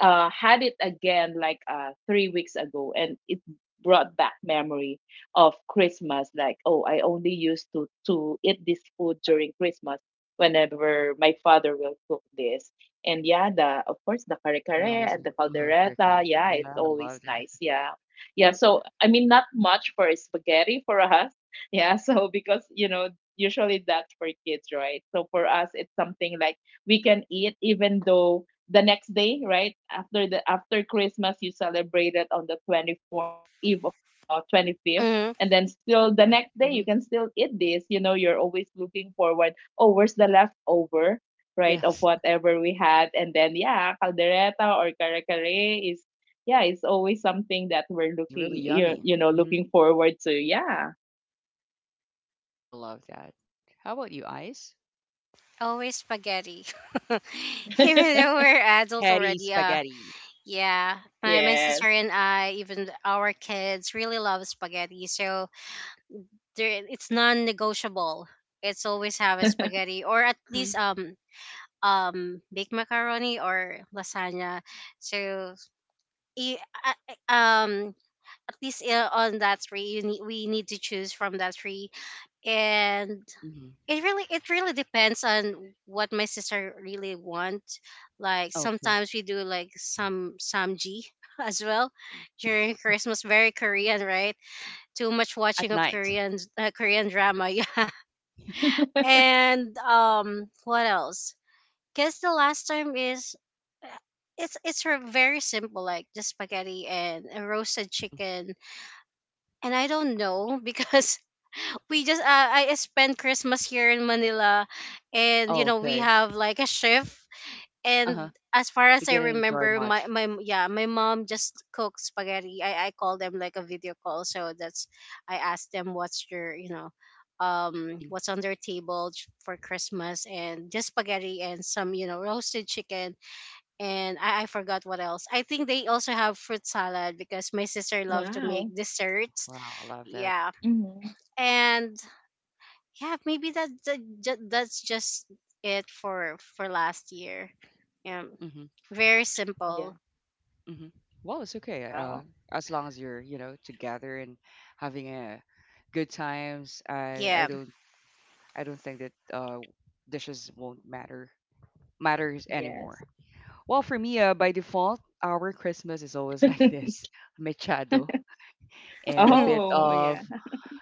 uh had it again like uh three weeks ago, and it brought back memory of Christmas, like, oh, I only used to to eat this food during Christmas, whenever my father will cook this. And yeah, the, of course, the kare kare
Reminds
and
me.
the
Uh-huh,
caldereta.
curtain.
Yeah,
Yeah,
it's
I love
always
that.
nice. Yeah, yeah. So, I mean, not much for spaghetti for us. Yeah. So, because you know, usually that's for kids, right? So for us, it's something like we can eat even though the next day, right after the after Christmas. You celebrate it on the twenty fourth eve of uh twenty fifth. And then still the
Yeah.
next day you
Mhm.
can still eat this. You know, you're always looking forward. Oh, where's the leftover, right, of
Yes.
whatever we had. And then, yeah, caldereta or kare kare is, yeah, it's always something that we're
It's really
looking, you,
yummy.
you know,
Mhm.
looking forward to. Yeah.
I love that. How about you, Ice?
Always spaghetti. Even though we're adults
Patty
already, uh
spaghetti.
yeah. My my sister
Yes.
and I, even our kids really love spaghetti. So there it's non negotiable. It's always have a spaghetti, or at
Mm-hmm.
least um um baked macaroni or lasagna. So i- uh, um at least uh, on that three you need, we need to choose from that three. And
Mm-hmm.
it really it really depends on what my sister really wants. Like sometimes we do like some samji as well during
Oh,
Christmas. Very Korean, right? Too much
at
watching of
night.
Korean uh, Korean drama, yeah. And um, what else? Guess the last time is uh, it's it's r- very simple, like just spaghetti and a roasted
Mhm.
chicken. And I don't know because we just uh, I spent Christmas here in Manila, and you
Oh,
know we
okay.
have like a shift.
Uh-huh.
And as far
He
as I
didn't enjoy
remember, my
much.
my yeah, my mom just cooks spaghetti. I I call them like a video call, so that's, I asked them what's your, you know, um
Mhm.
what's on their table j- for Christmas, and just spaghetti and some, you know, roasted chicken. And I, I forgot what else. I think they also have fruit salad, because my sister loved to make
Wow.
desserts.
Wow, I love that.
Yeah.
Hmm.
And yeah, maybe that, that ju- that's just it for for last year. Yeah,
Mhm,
very
Yeah.
simple.
mhm. Well, it's okay. Uh,
Wow.
as long as you're, you know, together and having a good times, I I
Yeah.
don't I don't think that uh dishes won't matter matters anymore.
Yes.
Well, for me, uh, by default, our Christmas is always like this: mechado and a bit
Oh,
of
yeah.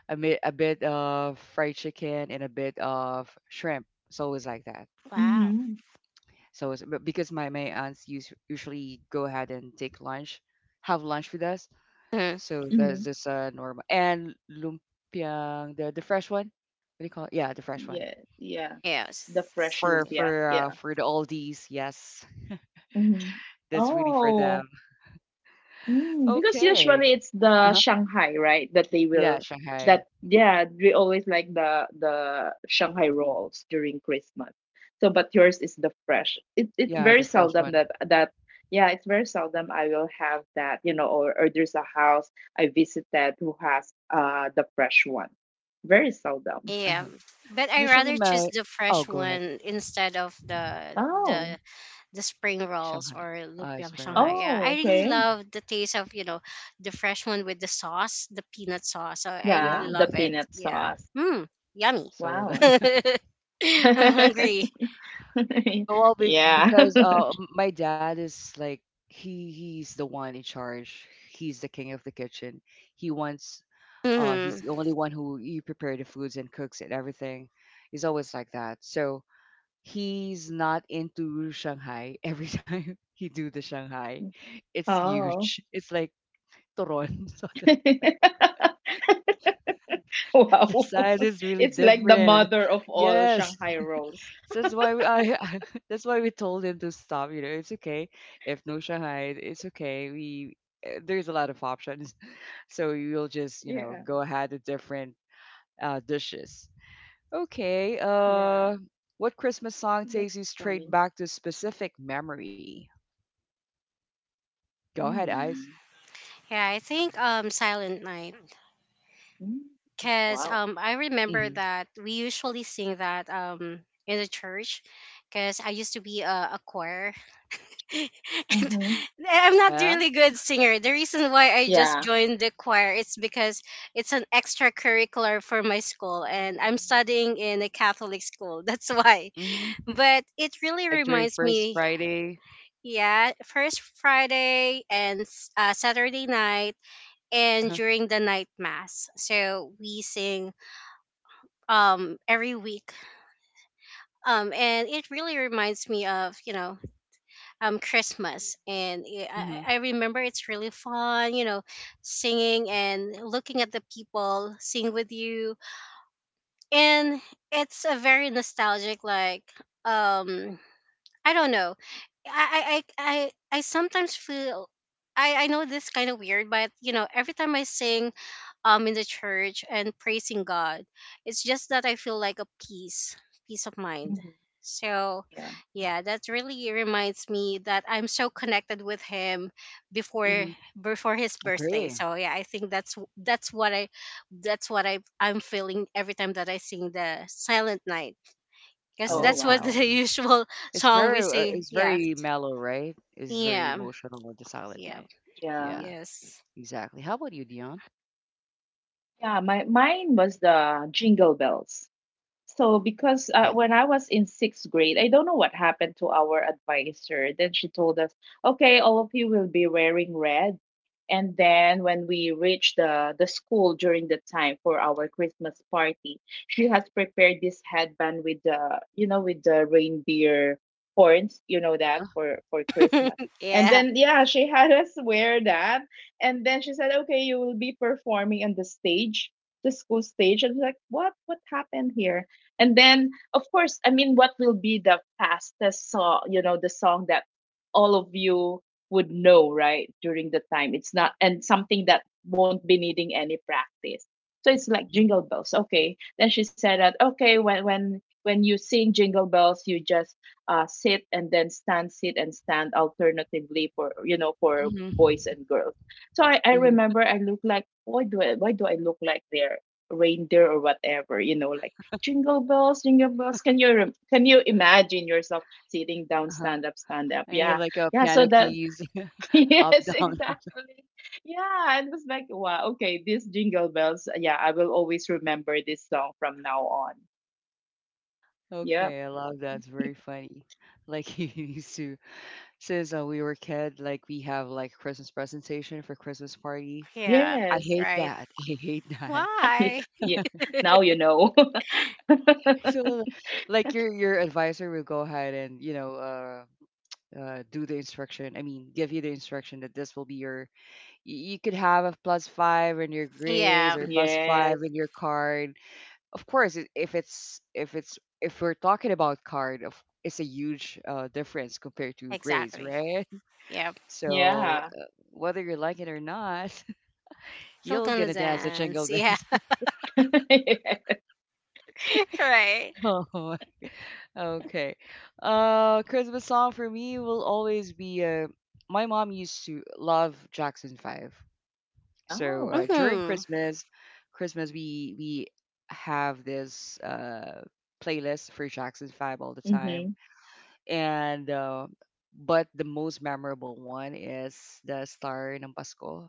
a, mi- a bit of fried chicken and a bit of shrimp. It's always like that.
Wow.
Mm-hmm.
So it's, but because my my aunts use, usually go ahead and take lunch, have lunch with us.
Mm,
So
Mm-hmm.
that's just uh, normal. And lumpiang, the the fresh one. What do you call it? Yeah, the fresh one.
Yes. Yeah.
yeah.
The
s-
fresh
For
s-
lumpia.
for
Yeah.
uh, for the oldies, yes,
Mm-hmm.
that's really for
Oh,
them.
mm, because
Okay.
usually it's
Uh
the
huh.
Shanghai, right? That they
Yeah,
will
Shanghai.
that yeah, we always like the the Shanghai rolls during Christmas. So, but yours is the fresh. It it's
Yeah, the
very
fresh
seldom
one.
that that yeah, it's very seldom I will have that, you know, or, or there's a house I visited who has uh the fresh one. Very seldom.
Uh
yeah,
huh.
but I
Usually
rather choose
my
the
Oh,
fresh
go ahead.
one instead of the
Oh.
the the spring rolls
Shanghai.
or
Uh,
lumpiang
spring
shanghai.
rolls.
Yeah,
Oh,
I really
okay.
love the taste of, you know, the fresh one with the sauce, the peanut sauce. So I
Yeah.
really
Yeah, the
love it.
peanut
Yeah,
sauce.
mm, yummy.
So
Wow.
I'm hungry.
But- well, be-
Yeah.
because uh, my dad is like he he's the one in charge. He's the king of the kitchen. He wants uh he's
Hmm
the only one who you prepare the foods and cooks and everything. He's always like that. So he's not into Shanghai. Every time he do the Shanghai, it's
Oh.
huge. It's like Toron. So the the
Wow.
size is really
It's like the
different.
mother of all
Yes.
Shanghai rolls.
So that's why we, I, that's why we told him to stop. You know, it's okay if no Shanghai, it's okay. We eh, there's a lot of options, so you'll just you know
Yeah.
go ahead with different uh, dishes. Okay.
Yeah.
Uh, what Christmas song takes
That's
you straight
funny.
back to specific memory? Go ahead, Eyes.
Hmm.
Yeah, I think um Silent Night,
Mm.
cuz
Wow.
um I
Hmm.
remember that we usually sing that um in the church, cuz I used to be a a choir, and
Mm-hmm.
I'm not
Yeah.
really good singer. The reason why I just
Yeah.
joined the choir is because it's an extracurricular for my school and I'm studying in a Catholic school. That's why.
Hmm.
But it really
Like during
reminds
first
me,
Friday.
yeah, first Friday and s- uh, Saturday night
Uh
and
huh.
during the night mass. So we sing um every week. Um and it really reminds me of, you know, um Christmas, and I
Hmm.
I I remember it's really fun, you know, singing and looking at the people sing with you. And it's a very nostalgic, like um I don't know. I I I I I sometimes feel, I I know this kind of weird, but you know, every time I sing um in the church and praising God, it's just that I feel like a peace, peace of mind.
Hmm.
So,
Yeah.
yeah, that really reminds me that I'm so connected with him before,
Mm-hmm.
before his birthday.
Agree.
So, yeah, I think that's that's what I that's what I I'm feeling every time that I sing the Silent Night. Because
Oh,
Oh,
that's what
okay.
wow.
the usual
It's
song
very,
we
uh,
sing.
it's
Yeah.
very mellow, right? It's very
Yeah.
emotional with the silent
Mhm.
Yeah.
day.
Yeah.
Yeah,
Yes.
exactly. How about you, Dion?
Yeah. My mine was the Jingle Bells. So, because uh,
Okay.
when I was in sixth grade, I don't know what happened to our advisor. Then she told us, okay, all of you will be wearing red. And then when we reached the, the school during the time for our Christmas party, she has prepared this headband with the, you know, with the reindeer horns, you know,
Uh
that
huh.
for, for Christmas. And
yeah.
then, yeah, she had us wear that. And then she said, okay, you will be performing on the stage, the school stage, and like what what happened here. And then, of course, I mean, what will be the fastest song, you know, the song that all of you would know, right, during the time? It's not, and something that won't be needing any practice. So it's like
Mm-hmm.
jingle bells. Okay. Then she said that, okay, when, when, when you sing jingle bells, you just uh, sit and then stand, sit and stand alternatively for, you know, for boys
Mm-hmm.
and girls. So I, I
Hmm.
remember I look like, why do I, why do I look like their reindeer or whatever, you know, like jingle bells, jingle bells, can you rem- can you imagine yourself sitting down,
Uh-huh.
stand up, stand up,
And you
yeah,
like uh,
yeah, so
piano
that
keys, up
yes,
down.
exactly, yeah, it was like, wow, okay, this jingle bells, yeah, I will always remember this song from now on. Yeah.
Okay, I love that. It's very funny. Like he used to, since uh, we were kid, like we have like Christmas presentation for Christmas party.
Yeah.
I
Yes.
hate
Right.
that. I hate that.
yeah,
Why?
yeah. Now you know.
So like your your advisor will go ahead and you know uh uh, do the instruction. I mean, give you the instruction that this will be your. You, you could have a plus five in your grades
Yeah.
or plus
Yes.
five in your card. Of course, i- if it's if it's if we're talking about card, of it's a huge uh, difference compared to grades,
Exactly.
right?
Yeah.
So
Yeah.
uh, whether you like it or not,
You're
you're
gonna
gonna dance the jingle
dance. Yeah.
bells.
Right.
Oh, okay. Uh, Christmas song for me will always be uh, my mom used to love Jackson Five. So
Oh.
uh, during
Mm.
Christmas, Christmas we we have this uh, playlist for Jackson Five all the time,
Mm-hmm.
and uh, but the most memorable one is the Star ng Pasko.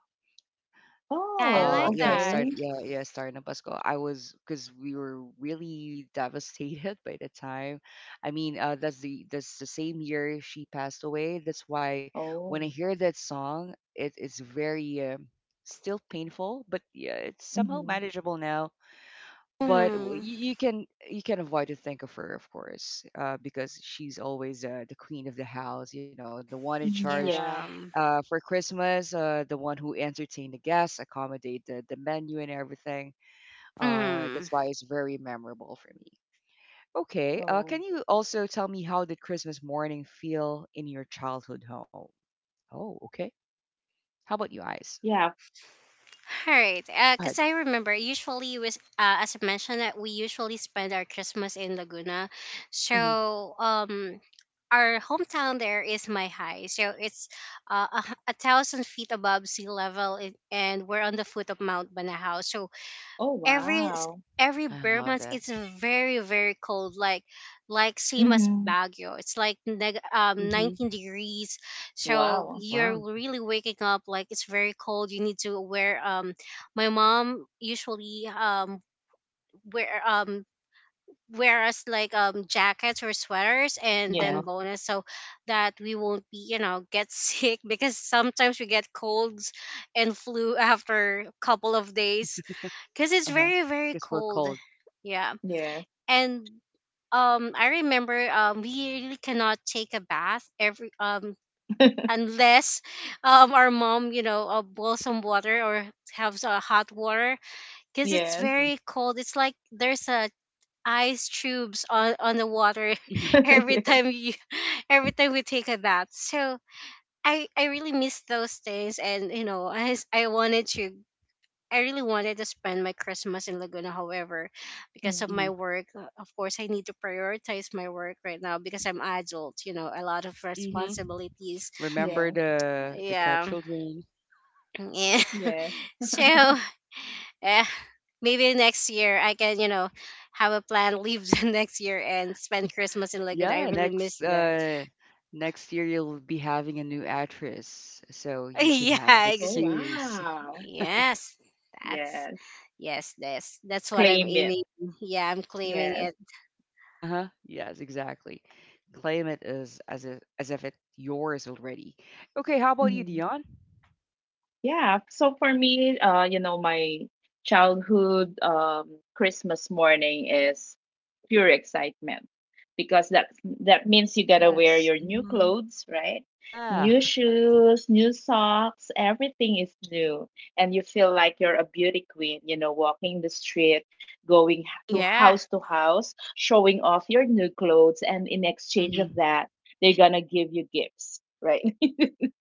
Yeah, I
Oh,
uh,
like
Yeah, it
that.
okay.
started. Yeah, yeah, starting in Pasco. I was Because we were really devastated by the time. I mean, uh, that's the that's the same year she passed away. That's why when I
Oh.
hear that song, it is very um still painful, but yeah, it's somehow
Mm-hmm.
manageable now. But w-
Mm.
you, you can you can avoid to think of her, of course, uh, because she's always uh, the queen of the house. You know, the one in
Mm-hmm.
charge
Yeah.
Yeah.
uh, for Christmas, uh, the one who entertained the guests, accommodate the, the menu and everything. Uh,
Mm.
that's why it's very memorable for me. Okay, uh,
Oh.
can you also tell me how did Christmas morning feel in your childhood home? Oh, okay. How about you, Eyes?
Yeah.
All right,
Go ahead.
because I remember usually was uh, as I mentioned that we usually spend our Christmas in Laguna, so
Hmm.
um our hometown there is my high, so it's uh, a, h- a thousand feet above sea level, i- and we're on the foot of Mount Banahaw. So
Oh,
every s-
wow.
every
I
bare
love
months
that.
it's very very cold, like like same as
Mhm.
Baguio. It's like neg- um
Hmm.
nineteen degrees, so
Wow.
Wow.
you're really waking up like it's very cold. You need to wear um my mom usually um wear um wear us like um jackets or sweaters
Uh
and
huh.
then
Yes.
bonus, so that we won't be, you know, get sick because sometimes we get colds and flu after a couple of days,
Uh
because it's
huh.
very
Gets
very
both cold.
cold. Yeah
Yes.
and um I remember, um we really cannot take a bath every um unless um our mom, you know, uh, boil some water or have uh, hot water, because it's
Hmm.
Yes.
very cold, it's like there's a ice tubes on on the water
Hmm.
every
Yes.
time you every time we take a bath. So I, I really miss those days, and you know I, s- I wanted to, I really wanted to spend my Christmas in Laguna. However, because
Mm.
of my
Hmm.
work, uh, of course, I need to prioritize my work right now because I'm adult. You know, a lot of
Hmm.
responsibilities.
Remember
Yes.
the the cut
Yeah,
children.
yeah.
Yes.
So, eh, maybe next year I can, you know, have a plan. Leave the next year and spend Christmas in Laguna. I
Yeah,
really miss
next
that.
uh next year you'll be having a new actress, so you can
yeah,
have an
Oh,
ex-
excuse.
wow.
yes. That's
Yes.
yes. This. That's what I'm
Claim it.
aiming. Yeah, I'm claiming
Yes.
it.
Uh-huh. Yes, exactly. Claim it as as if as if it's yours already. Okay, how about you,
Mhm.
Dion?
Yeah. So for me, uh, you know, my childhood um Christmas morning is pure excitement, because that that means you gotta wear
Yes.
your new
Mm-hmm.
clothes, right?
Yeah.
New shoes, new socks, everything is new, and you feel like you're a beauty queen. You know, walking the street, going h- to house
Yeah.
to house, showing off your new clothes, and in exchange of
Mm-hmm.
that, they're gonna give you gifts, right?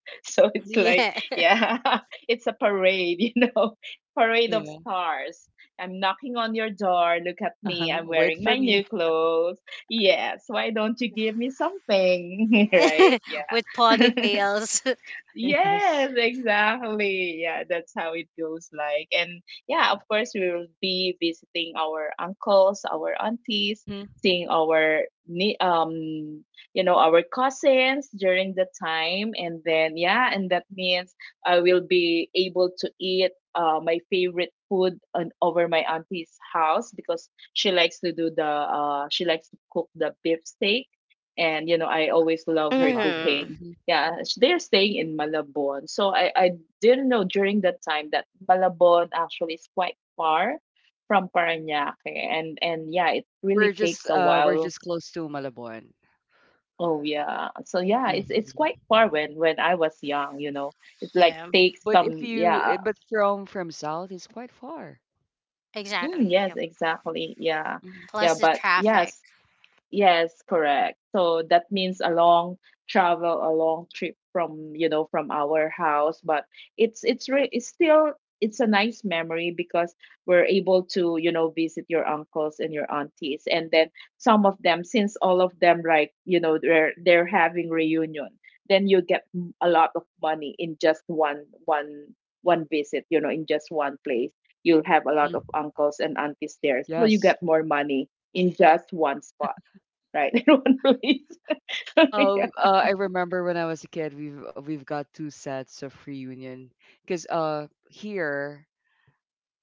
So it's like,
Yeah.
yeah, it's a parade, you know, parade of
Yeah.
stars. I'm knocking on your door. Look at me.
Uh-huh.
I'm
Wait
wearing my
for
new
me.
clothes. Yes. Why don't you give me something? Right.
with
Yeah.
ponytails.
Yes.
Yes, exactly. Yeah, that's how it goes like. And yeah, of course we will be visiting our uncles, our aunties,
Mm-hmm.
seeing our ni- um you know, our cousins during the time. And then, yeah, and that means I will be able to eat uh my favorite food on, over my auntie's house, because she likes to do the uh she likes to cook the beef steak, and you know, I always love
I
her
love that.
hmm
cooking.
Mm-hmm.
Yeah, s- they're staying in Malabon. So I, I didn't know during that time that Malabon actually is quite far from Parañaque, and and yeah, it
We're
really
just
takes a
uh we're
while.
just close to Malabon.
Oh, yeah. So yeah, it's it's quite
Mm-hmm.
far when when I was young, you know. It like
Yeah,
takes
But if
some,
you eh,
yeah.
but from from south is quite far.
Mm,
exactly.
yes,
Yep.
exactly. Yeah.
Mm-hmm.
Yeah,
Plus the
but
traffic.
yes, yes, correct. So that means a long travel, a long trip from, you know, from our house, but it's it's re- it's still it's a nice memory, because we're able to, you know, visit your uncles and your aunties. And then, some of them, since all of them, like, you know, they're they're having reunion, then you get m- a lot of money in just one one one visit, you know, in just one place. You'll have a lot
Mm-hmm.
of uncles and aunties there. So you
Yes.
get more money in just one spot, right? In one release.
Um,
Yeah.
uh, I remember when I was a kid, we've we've got two sets of reunion because uh here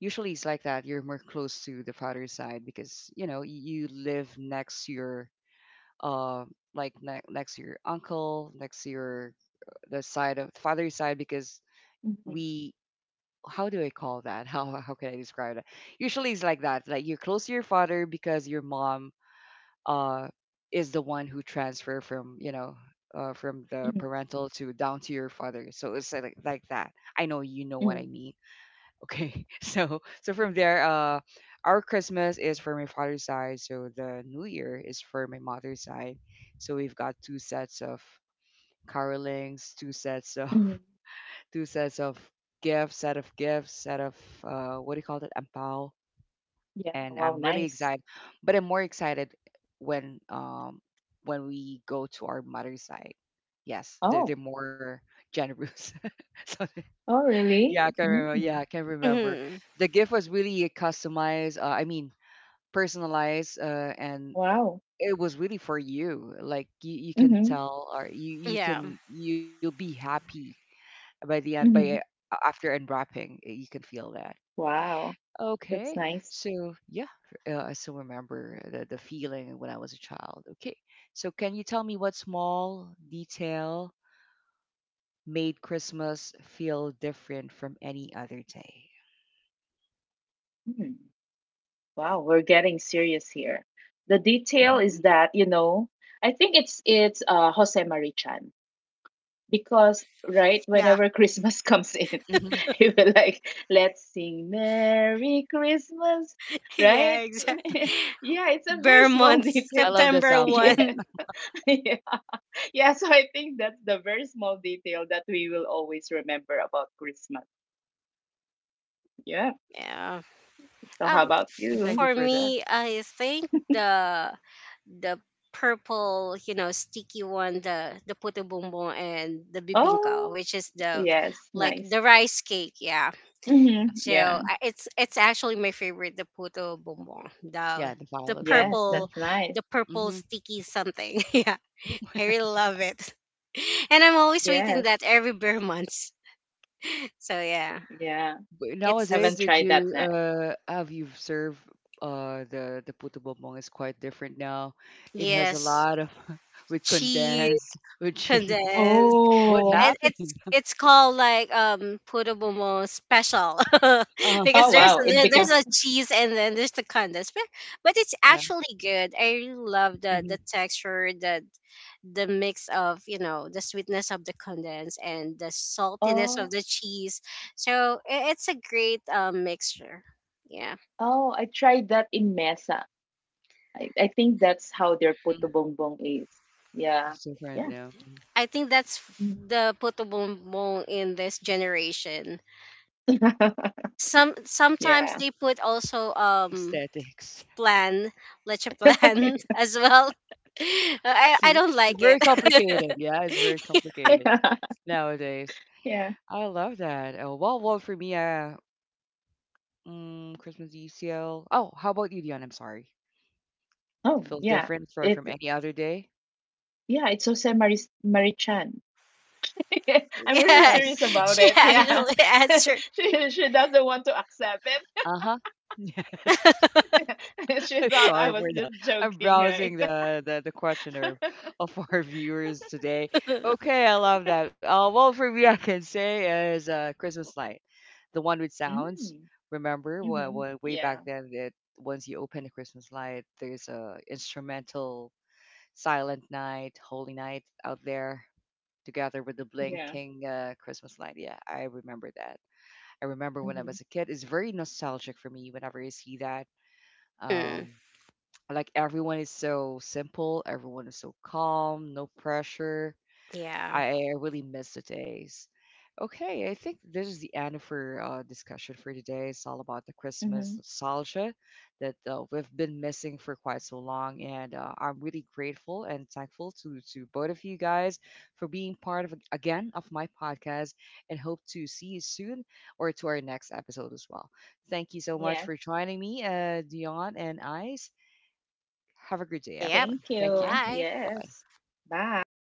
usually it's like that. You're more close to the father's side because you know you live next to your uh like ne next to your uncle, next to your uh, the side of father's side because
Hmm.
we, how do I call that? How how can I describe that? Usually it's like that. Like you're close to your father because your mom uh, is the one who transfer from, you know, uh, from the
Hmm.
parental to down to your father, so it's like, like that. I know, you know what I
Hmm.
mean. Okay. so so from there, uh our Christmas is for my father's side, so the new year is for my mother's side, so we've got two sets of carolings, two sets of
Hmm.
two sets of gifts, set of gifts, set of uh what do you call it, ampao,
Yeah.
and
Wow.
I'm really
Nice.
excited. But I'm more excited when um when we go to our mother's side. Yes, they're,
Oh.
they're more generous. So
Oh,
yeah,
really?
I can remember. Yeah,
Mm.
I can remember.
Hmm
The gift was really customized. Uh, I mean, personalized, uh, and
Wow.
it was really for you. Like you, you can
Hmm.
tell, or you, you
Yeah,
can, you'll be happy by the end. By
Hmm.
uh, after unwrapping, eh, you can feel that.
Wow. That's
Okay.
nice.
So, yeah, uh, I still remember the, the feeling when I was a child. Okay. So, can you tell me what small detail made Christmas feel different from any other day?
Mm. Wow. We're getting serious here. The detail is
Mm-hmm.
that, you know, I think it's it's uh Jose Marichan. Because, right,
yeah,
whenever Christmas comes in,
Mm-hmm.
he will, like, let's sing Merry Christmas,
yeah,
right?
exactly.
Yeah, it's a very
Bare
small
months,
I
detail.
love the
September 1.
sample.
Yeah, yeah, yeah. So I think that's the very small detail that we will always remember about Christmas. Yeah.
Yeah.
So how
Um,
about
Thank
you?
you
for
for that.
me, I think the the purple, you know, sticky one, the the puto bumbong and the bibingka,
Oh,
which is the
yes,
like
nice.
the rice cake. Yeah,
Mm-hmm.
Yeah.
Yeah.
Hmm.
so I- it's it's actually my favorite, the puto bonbon,
Yeah,
the
the
the
violet one.
Yes, that's
purple,
nice.
the purple
Mm-hmm.
sticky something. Yeah, I really love it, and I'm always waiting
Yes.
that every bare months. So yeah,
Yeah.
But
it's
nowadays,
just-
Haven't
did
tried that
you
yet.
uh have you observed uh the the puto bumbong is quite different now. It has a
yes,
lot of, with
cheese,
condensed, with cheese.
condensed.
What
Oh.
It,
happened?
it's it's called like um Purubomo special
Oh
because
Oh,
there's
wow. It
there, there's
beca
a cheese and then there's the condense, but, but it's
yeah,
actually good. I really love the
hmm,
the texture, the the mix of, you know, the sweetness of the condense and the saltiness
Oh.
of the cheese. So i- it's a great um, mixture. Yeah,
Oh, I tried that in Mesa. I, I think that's how their
hmm,
puto bongbong is. Yeah.
it's different
Yeah.
now. Mhm.
I think that's f-
Mhm.
the putubombong in this generation, some sometimes
Yeah.
they put also um
Aesthetics.
plan, leche plan as well. I, I
See,
don't
it's
like
very
it.
complicated. Yeah, it's very complicated
Yeah.
nowadays.
Yeah.
I love that. Oh, well, well for me, uh, mm, Christmas E C L. Oh, how about you, Dion? I'm sorry.
Oh,
Feels
yeah.
different for
It,
from any other day.
yeah, it's Jose Maris Marichan. I'm really
Yeah,
Yes.
serious about
she
it. Yeah.
actually answered.
She she doesn't want to accept it.
Uh-huh. Yes. I'm
She thought
sorry,
I
we're
was
not.
just
I'm
joking,
browsing
right?
the, the the questioner of our viewers today. Okay, I love that. Uh, well, for me, I can say is uh, Christmas light, the one with sounds.
Mm.
Remember, when,
Mm-hmm.
when, way back
Yeah.
then, that once you open the Christmas light, there's a instrumental silent night, holy night out there, together with the
Yeah.
blinking uh, Christmas light. Yeah, I remember that. I remember when I
Mm-hmm.
was a kid. It's very nostalgic for me whenever I see that,
Hmm,
um, like everyone is so simple, everyone is so calm, no pressure.
yeah.
I, I really miss the days. Okay, I think this is the end of our uh, discussion for today. It's all about the
Mm-hmm.
Christmas nostalgia that uh, we've been missing for quite so long, and uh, I'm really grateful and thankful to to both of you guys for being part of again of my podcast, and hope to see you soon or to our next episode as well. Thank you so much for joining me, uh, Dion and I. Have a good day,
Yep.
Thank
everyone. Thank you.
you.
Bye.
Bye-bye.
Yes. Bye.